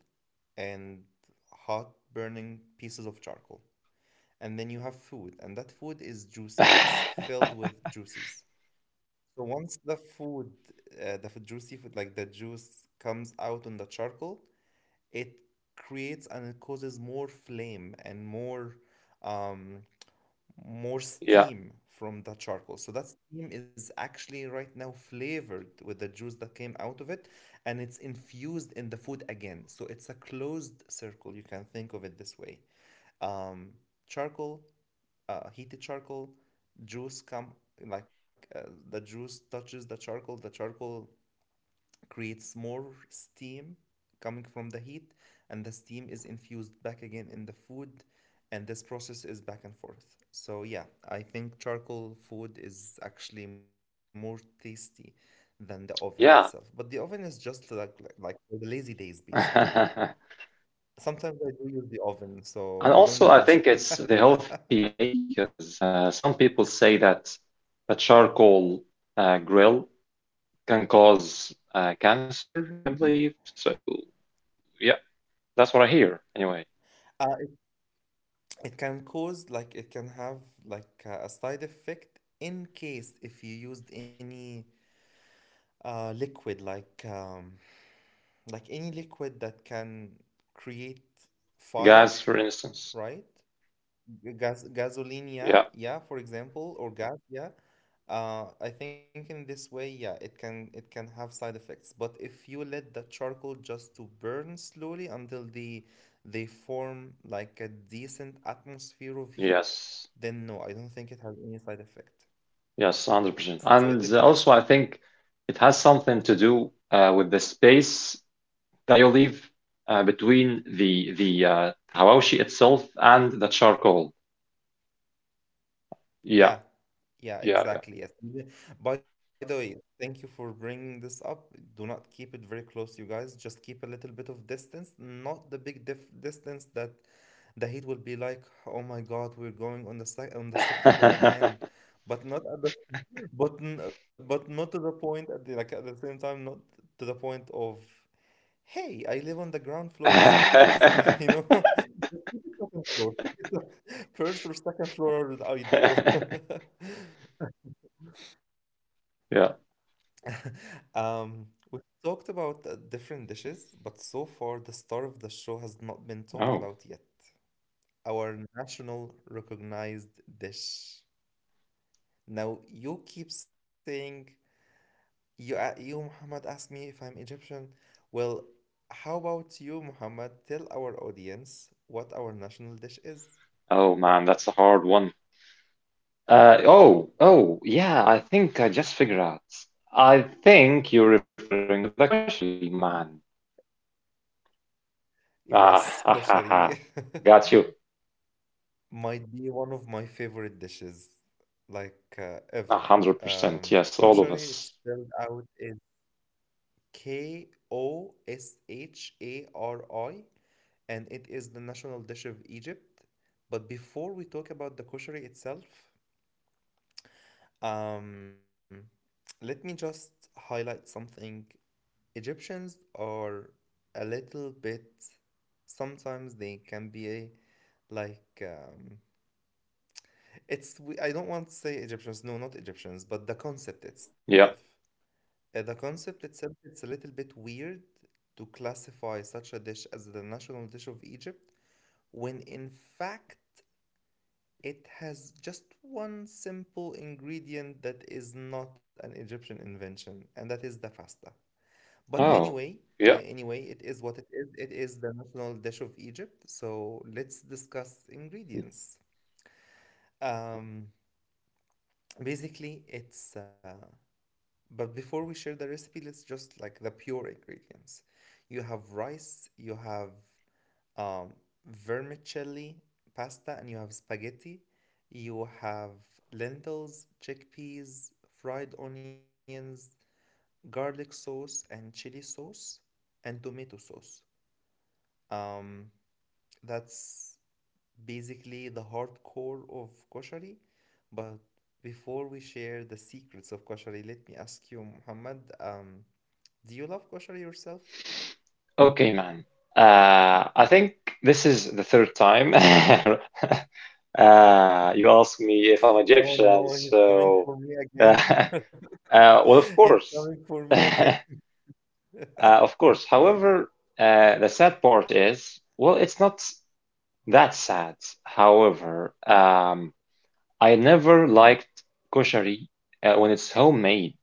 Speaker 1: and hot burning pieces of charcoal. And then you have food, and that food is juicy. It's filled with juices. So once the food, uh, the f- juicy food, like the juice comes out on the charcoal, it creates and it causes more flame and more um, more
Speaker 2: Yeah,
Speaker 1: steam from that charcoal. So that steam is actually right now flavored with the juice that came out of it, and it's infused in the food again. So it's a closed circle. You can think of it this way: um, charcoal, uh, heated charcoal, juice come, like uh, the juice touches the charcoal. The charcoal creates more steam coming from the heat, and the steam is infused back again in the food, and this process is back and forth. So, yeah, I think charcoal food is actually more tasty than the oven itself. But the
Speaker 2: yeah.
Speaker 1: oven is just like, like, like for the lazy days, basically.
Speaker 2: And
Speaker 1: Sometimes I do use the oven, so don't
Speaker 2: also, I
Speaker 1: judge.
Speaker 2: think it's the healthy way because uh, some people say that a charcoal uh, grill can cause uh, cancer, I believe. So, yeah, that's what I hear anyway.
Speaker 1: Uh, it, it can cause like it can have like uh, a side effect in case if you used any uh, liquid like um, like any liquid that can create fire,
Speaker 2: Gas, for instance.
Speaker 1: right? G- Gas, gasoline, yeah,
Speaker 2: Yeah.
Speaker 1: yeah, for example, or gas, yeah. Uh, I think in this way, yeah, it can it can have side effects. But if you let the charcoal just to burn slowly until the they form like a decent atmosphere of heat,
Speaker 2: Yes,
Speaker 1: then no, I don't think it has any side effect.
Speaker 2: yes, one hundred percent.
Speaker 1: So it
Speaker 2: And uh,
Speaker 1: depends.
Speaker 2: also, I think it has something to do uh, with the space that you leave uh, between the the uh, hawashi itself and the charcoal. Yeah,
Speaker 1: Yeah, yeah,
Speaker 2: yeah,
Speaker 1: exactly. Yes. And the- By the way, thank you for bringing this up. Do not keep it very close, you guys. Just keep a little bit of distance, not the big diff distance that the heat will be like, oh my God, we're going on the sec on the sixth floor
Speaker 2: yeah.
Speaker 1: again. But not at the, but n- but not to the point at the, like at the same time, not to the point of. Hey, I live on the ground floor. It's really easy, you know? Just keep it second floor. Keep it sec- first or second floor is ideal.
Speaker 2: Yeah.
Speaker 1: Um, we've talked about uh, different dishes, but so far the star of the show has not been talked about
Speaker 2: Oh,
Speaker 1: yet. Our national recognized dish. Now, you keep saying You, a- you, Muhammad, asked me if I'm Egyptian. Well, how about you, Muhammad? Tell our audience what our national dish is.
Speaker 2: oh man, that's a hard one. Uh, oh, oh, yeah, I think I just figured out. I think you're referring to the koshari, my man. Ah,
Speaker 1: Yes,
Speaker 2: ha, ha,
Speaker 1: koshari
Speaker 2: ha. Got you.
Speaker 1: might be one of my favorite dishes, like uh,
Speaker 2: A
Speaker 1: ever.
Speaker 2: hundred percent,
Speaker 1: Um,
Speaker 2: yes, all of
Speaker 1: Koshari, it's
Speaker 2: us.
Speaker 1: spelled out as K O S H A R I, and it is the national dish of Egypt. But before we talk about the koshari itself, Um, let me just highlight something. Egyptians are a little bit, sometimes they can be a, like, um, it's, we- I don't want to say Egyptians, no, not Egyptians, but the concept itself.
Speaker 2: Yeah.
Speaker 1: Uh, the concept itself, it's a little bit weird to classify such a dish as the national dish of Egypt when in fact it has just one simple ingredient that is not an Egyptian invention, and that is the fasta. But
Speaker 2: Oh,
Speaker 1: anyway, uh,
Speaker 2: yeah.
Speaker 1: anyway, it is what it is. It is the national dish of Egypt. So let's discuss ingredients. Um, basically, it's. Uh, but before we share the recipe, let's just like the pure ingredients. You have rice, you have um, vermicelli pasta, and you have spaghetti. You have lentils, chickpeas, fried onions, garlic sauce, and chili sauce, and tomato sauce. Um, that's basically the hardcore of koshari. But before we share the secrets of koshari, let me ask you, Muhammad, um, do you love koshari yourself?
Speaker 2: Okay, man. Uh, I think this is the third time uh, you ask me if I'm
Speaker 1: Oh
Speaker 2: Egyptian,
Speaker 1: no, he's coming
Speaker 2: so
Speaker 1: for me
Speaker 2: uh,
Speaker 1: again.
Speaker 2: uh, well, of
Speaker 1: It's
Speaker 2: course,
Speaker 1: coming for me
Speaker 2: uh,
Speaker 1: again.
Speaker 2: of course. However, uh, the sad part is, well, it's not that sad. However, um, I never liked koshari uh, when it's homemade,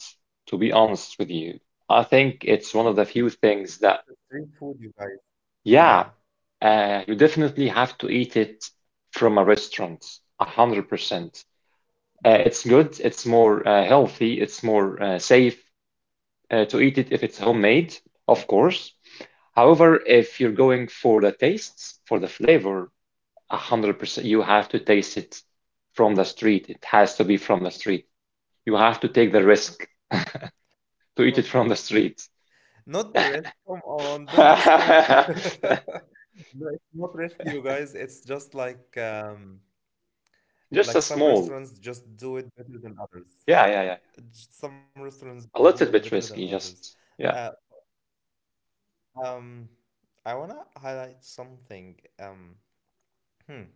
Speaker 2: to be honest with you. I think it's one of the few things
Speaker 1: It's
Speaker 2: that,
Speaker 1: a street food, you guys.
Speaker 2: yeah,
Speaker 1: Yeah,
Speaker 2: uh, you definitely have to eat it from a restaurant, a hundred percent. Uh,
Speaker 1: yeah.
Speaker 2: it's good, it's more uh, healthy, it's more uh, safe uh, to eat it if it's homemade, of course. However, if you're going for the tastes, for the flavor, a hundred percent, you have to taste it from the street. It has to be from the street. You have to take the risk to
Speaker 1: Bro.
Speaker 2: eat it from the street.
Speaker 1: Not the rest. Come on, don't discourage. No, it's not rescue, guys. It's just like um,
Speaker 2: Just a
Speaker 1: like some
Speaker 2: small.
Speaker 1: restaurants just do it better than others.
Speaker 2: Yeah, yeah, yeah.
Speaker 1: J- Some restaurants they
Speaker 2: A
Speaker 1: do
Speaker 2: little
Speaker 1: it
Speaker 2: bit
Speaker 1: better than
Speaker 2: risky,
Speaker 1: others.
Speaker 2: just yeah.
Speaker 1: Uh, um, I wanna highlight something. Um, hmm.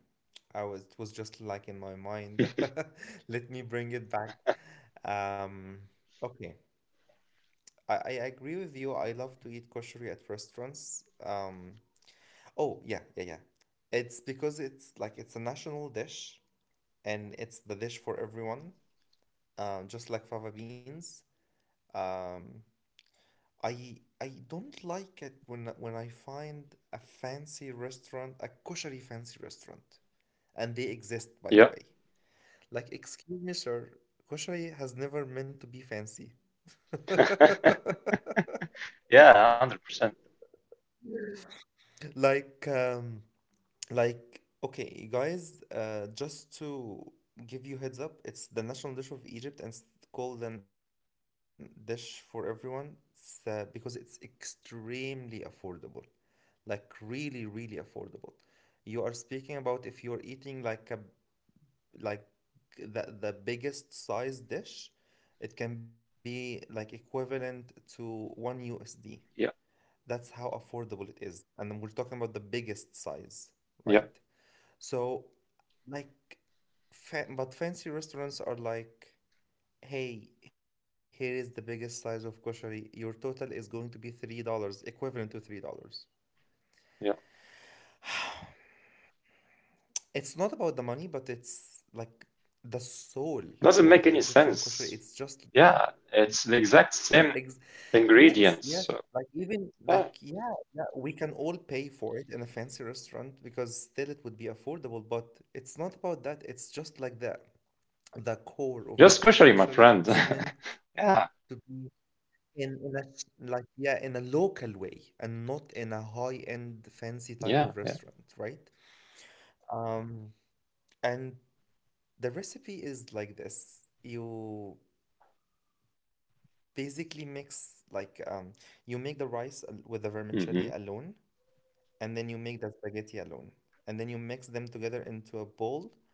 Speaker 1: I was it was just like in my mind. Let me bring it back. Um, okay. I, I agree with you. I love to eat kosher at restaurants. Um, oh, yeah, yeah, yeah. It's because it's like it's a national dish and it's the dish for everyone, um, just like fava beans. Um, I I don't like it when when I find a fancy restaurant, a kosher fancy restaurant, and they exist, by
Speaker 2: Yeah.
Speaker 1: the way. Like, excuse me, sir, kosher has never meant to be fancy.
Speaker 2: Yeah, one hundred percent.
Speaker 1: Like, um, Like, okay, guys, uh, just to give you heads up, it's the national dish of Egypt and it's called an dish for everyone. It's, uh, because it's extremely affordable. Like really, really affordable. You are speaking about if you're eating like a like the the biggest size dish, it can be like equivalent to one U S D.
Speaker 2: Yeah,
Speaker 1: That's how affordable it is. And then we're talking about the biggest size,
Speaker 2: yeah,
Speaker 1: right? So like, fa- but fancy restaurants are like, hey, here is the biggest size of koshari. Your total is going to be three dollars equivalent to three dollars.
Speaker 2: yeah.
Speaker 1: It's not about the money, but it's like the soul
Speaker 2: Doesn't make
Speaker 1: of the
Speaker 2: any
Speaker 1: Egyptian
Speaker 2: sense.
Speaker 1: koshari. It's just
Speaker 2: Yeah, it's the exact
Speaker 1: ex-
Speaker 2: same
Speaker 1: yes, yes.
Speaker 2: ingredients.
Speaker 1: Like
Speaker 2: So,
Speaker 1: even like
Speaker 2: yeah,
Speaker 1: yeah, yeah, we can all pay for it in a fancy restaurant because still it would be affordable, but it's not about that. It's just like the the core of
Speaker 2: just
Speaker 1: the
Speaker 2: kosher, my
Speaker 1: koshari,
Speaker 2: friend.
Speaker 1: it's meant to
Speaker 2: Yeah,
Speaker 1: be in, in a sh- like yeah, in a local way and not in a high-end fancy type of
Speaker 2: yeah, yeah.
Speaker 1: restaurant, right? Um and the recipe is like this. You basically mix like um you make the rice al- with the vermicelli
Speaker 2: Mm-hmm.
Speaker 1: alone and then you make the spaghetti alone and then you mix them together into a bowl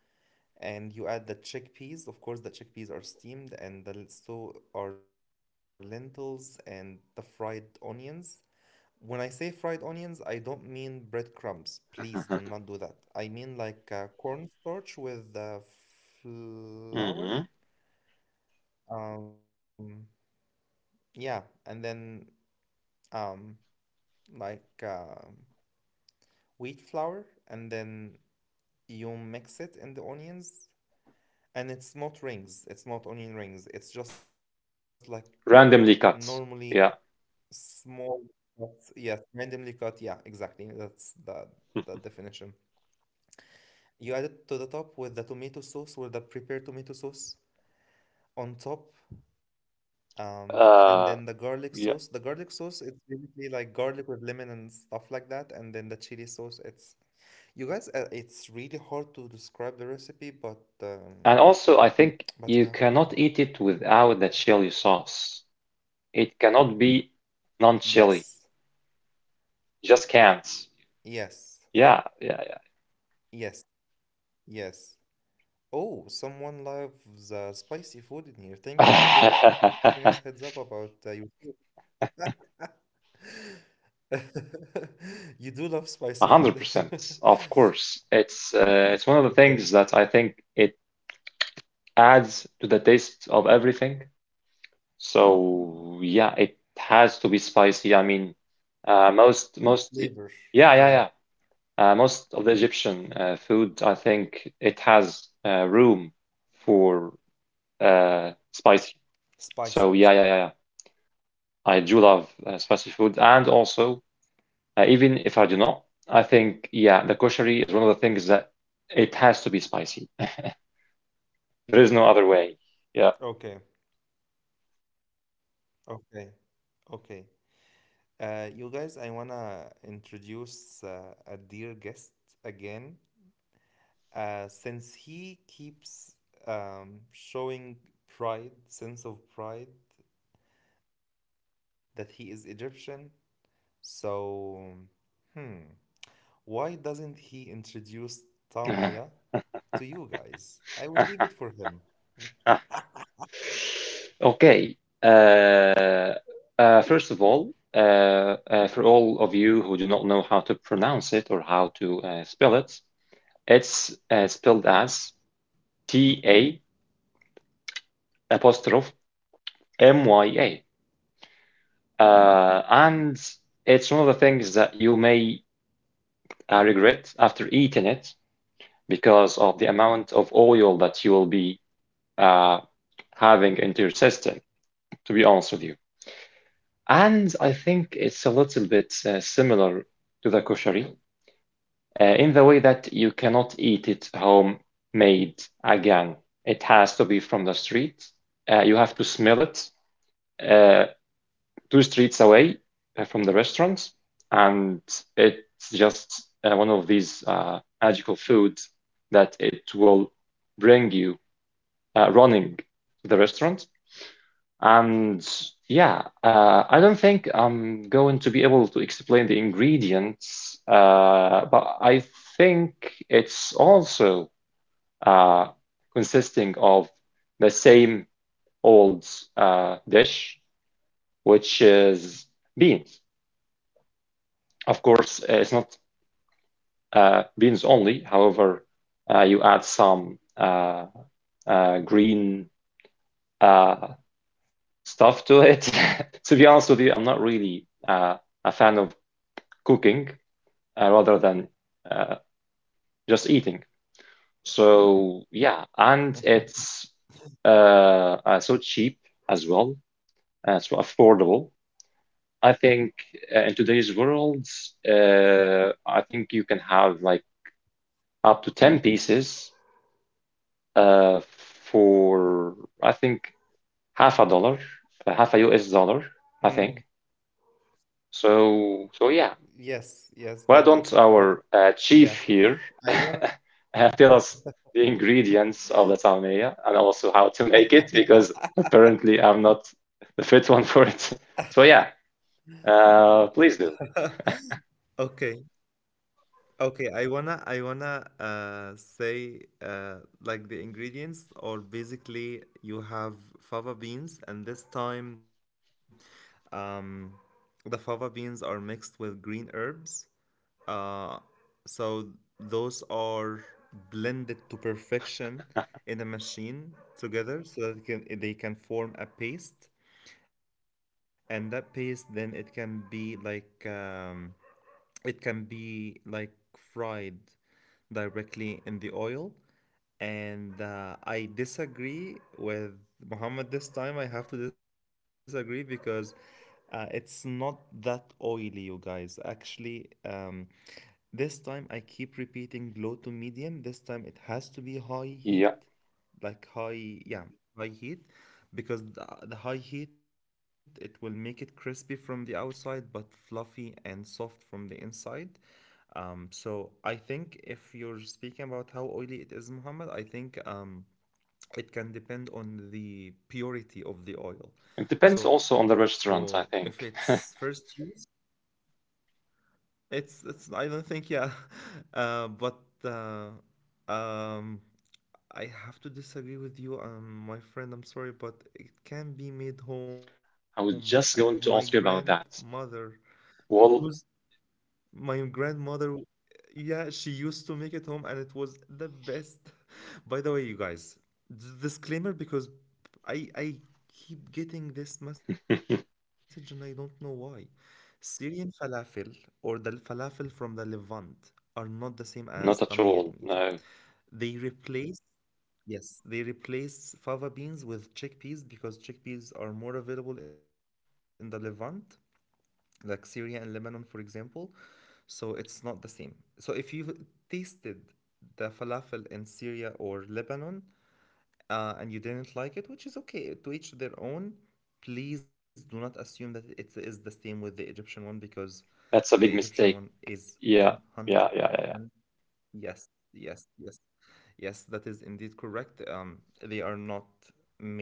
Speaker 1: and you add the chickpeas. Of course, the chickpeas are steamed, and the, so are lentils and the fried onions. When I say fried onions, I don't mean breadcrumbs. Please do not do that. I mean like uh, cornstarch with the
Speaker 2: Mm-hmm.
Speaker 1: flour. Um, yeah, and then um, like um wheat flour, and then you mix it in the onions, and it's not rings, it's not onion rings, it's just like
Speaker 2: Randomly cut.
Speaker 1: normally
Speaker 2: Yeah.
Speaker 1: small cuts, yes randomly cut, yeah exactly, that's the the definition. You add it to the top with the tomato sauce with the prepared tomato sauce on top, um and
Speaker 2: Uh,
Speaker 1: then the garlic
Speaker 2: yeah.
Speaker 1: sauce, the garlic sauce it's basically like garlic with lemon and stuff like that, and then the chili sauce, it's, you guys, uh, it's really hard to describe the recipe, but
Speaker 2: And also, I
Speaker 1: um
Speaker 2: think you
Speaker 1: but
Speaker 2: cannot
Speaker 1: you
Speaker 2: eat
Speaker 1: have to
Speaker 2: it
Speaker 1: eat it,
Speaker 2: without the chili sauce. It cannot be non-chili.
Speaker 1: yes,
Speaker 2: Just can't.
Speaker 1: yes.
Speaker 2: Yeah, yeah,
Speaker 1: Yes, yes. Oh, someone loves uh, spicy food in here.
Speaker 2: yeah.
Speaker 1: Thank you for giving us heads up about uh, your food. You do love
Speaker 2: A
Speaker 1: spicy
Speaker 2: hundred
Speaker 1: food.
Speaker 2: percent, of course. It's uh, it's one of the things that I
Speaker 1: Okay,
Speaker 2: think it adds to the taste of everything. So yeah, it has to be spicy. I mean, uh, most most
Speaker 1: a
Speaker 2: yeah, yeah,
Speaker 1: flavor.
Speaker 2: yeah.
Speaker 1: Yeah,
Speaker 2: Uh, most of the Egyptian uh, food, I think, it has uh, room for uh, spicy. So yeah, yeah, yeah, yeah.
Speaker 1: spiciness.
Speaker 2: I do love uh, spicy food, and also uh, even if I do not, I think yeah, the koshari is one of the things that it has to be spicy. There is no other way. Yeah.
Speaker 1: Okay, okay, okay. Uh, you guys, I wanna introduce uh, a dear guest again. Uh, since he keeps um, showing pride, sense of pride that he is Egyptian. So, hmm, why doesn't he introduce Tamiya to you guys? I will leave it for him.
Speaker 2: Okay. Uh, uh, first of all, uh, uh, for all of you who do not know how to pronounce it or how to uh, spell it, it's uh, spelled as T A apostrophe M Y A. Uh, and it's one of the things that you may uh, regret after eating it because of the amount of oil that you will be uh, having into your system, to be honest with you. And I think it's a little bit uh, similar to the koshari uh, in the way that you cannot eat it homemade again. It has to be from the street. Uh, you have to smell it. Uh, two streets away uh, from the restaurant, and it's just uh, one of these uh, magical foods that it will bring you uh, running to the restaurant. And yeah, uh, I don't think I'm going to be able to explain the ingredients, uh, but I think it's also uh, consisting of the same old uh, dish, which is beans. Of course, uh, it's not uh, beans only. However, uh, you add some uh, uh, green uh, stuff to it. To be honest with you, I'm not really uh, a fan of cooking uh, rather than uh, just eating. So yeah, and it's uh, uh, so cheap as well, uh, so affordable. I think uh, in today's world, uh, I think you can have like up to ten pieces uh, for I think half a dollar, uh, half a U S dollar, I think.
Speaker 1: Mm,
Speaker 2: So, so yeah,
Speaker 1: yes,
Speaker 2: why
Speaker 1: yes,
Speaker 2: don't
Speaker 1: that is
Speaker 2: our uh,
Speaker 1: correct.
Speaker 2: chief here
Speaker 1: Yeah, I wanna.
Speaker 2: uh, tell us the ingredients of the salmiya and also how to make it because apparently I'm not the fit one for it. So yeah, uh, please do.
Speaker 1: Okay, okay. I wanna, I wanna uh, say uh, like the ingredients or basically you have fava beans, and this time, um, the fava beans are mixed with green herbs. Uh, so those are blended to perfection in a machine together so that it can, they can form a paste, and that paste then it can be like um, it can be like fried directly in the oil. And uh, I disagree with Muhammad this time. I have to disagree because uh, it's not that oily, you guys. Actually, um, this time I keep repeating low to medium. This time it has to be
Speaker 2: Yeah,
Speaker 1: high heat, like high, yeah, high heat, because the, the high heat it will make it crispy from the outside but fluffy and soft from the inside. Um, so I think if you're speaking about how oily it is, Muhammad, I think um, it can depend on the purity
Speaker 2: it
Speaker 1: of the
Speaker 2: depends
Speaker 1: oil.
Speaker 2: also on the restaurant, I
Speaker 1: So
Speaker 2: think.
Speaker 1: if it's first use, it's it's I don't think yeah, uh, but uh, um, I have to disagree with you, um, my friend. I'm sorry, but it can be made
Speaker 2: I was
Speaker 1: home,
Speaker 2: just
Speaker 1: and
Speaker 2: going to
Speaker 1: my
Speaker 2: ask you about that.
Speaker 1: grandmother
Speaker 2: Well,
Speaker 1: used my grandmother, yeah, she used to make it home and it was the best. By the way, you guys, d- disclaimer, because I I keep getting this message and I don't know why. Syrian falafel or the falafel from the Levant are not the same
Speaker 2: not at
Speaker 1: as
Speaker 2: all.
Speaker 1: tamia in
Speaker 2: No,
Speaker 1: Egypt. They replace Yes, they replace fava beans with chickpeas because chickpeas are more available in the Levant, like Syria and Lebanon, for example. So it's not the same. So if you've tasted the falafel in Syria or Lebanon, uh, and you didn't like it, which is okay, to each their own, please do not assume that it is the same with the Egyptian one, because
Speaker 2: that's a big
Speaker 1: the
Speaker 2: mistake.
Speaker 1: Egyptian one is
Speaker 2: Yeah, yeah, yeah, yeah,
Speaker 1: one hundred percent. Yes, yes, yes. Yes, that is indeed correct. Um, they are not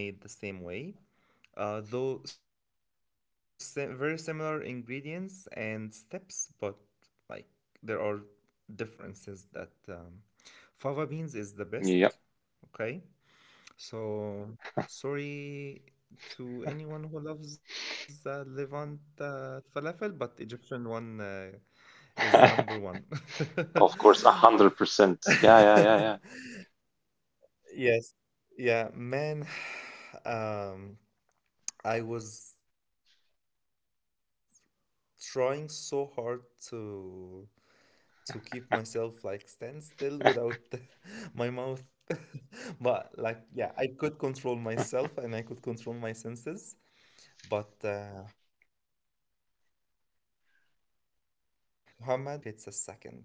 Speaker 1: made the same way, uh, though si- very similar ingredients and steps, but like there are differences that um, fava beans is the
Speaker 2: yeah.
Speaker 1: best. Okay, so sorry to anyone who loves uh, Levant uh, falafel, but Egyptian one uh, is
Speaker 2: Yeah.
Speaker 1: number one.
Speaker 2: Of course, a hundred percent. Yeah, yeah, yeah, yeah.
Speaker 1: Yes. Yeah, man. Um, I was trying so hard to to keep myself like stand still without my mouth. But like, yeah, I could control myself and I could control my senses. But uh, Muhammad, good time passes by as if it's a second.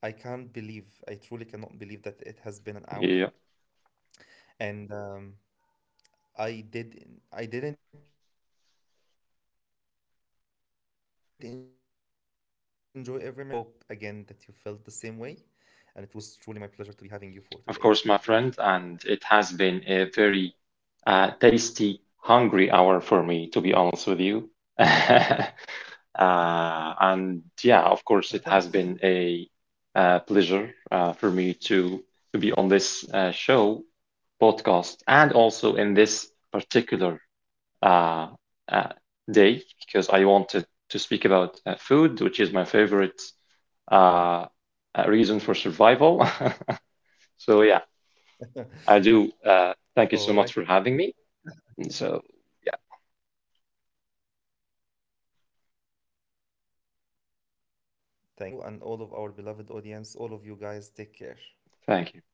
Speaker 1: I can't believe, I truly cannot believe that it has been
Speaker 2: Yeah,
Speaker 1: an hour. And um, I did I didn't enjoy every minute of it. I enjoyed every second of it. I truly did. And I hope again that you felt the same way. And it was truly my pleasure to be
Speaker 2: of course,
Speaker 1: having you
Speaker 2: my
Speaker 1: for
Speaker 2: friend,
Speaker 1: today.
Speaker 2: and it has been a very uh, tasty, hungry hour for me, to be honest with you. Uh, and yeah, of course, it has been a uh, pleasure uh, for me to to be on this uh, show, podcast, and also in this particular uh, uh, day because I wanted to speak about uh, food, which is my favorite uh, uh, reason for survival. So yeah, I do. Uh, thank you so much for having me.
Speaker 1: All right.
Speaker 2: So yeah,
Speaker 1: Thank you. Thank you so much, Muhammad, again. And you and all of our beloved audience, all of you guys, take care.
Speaker 2: thank you.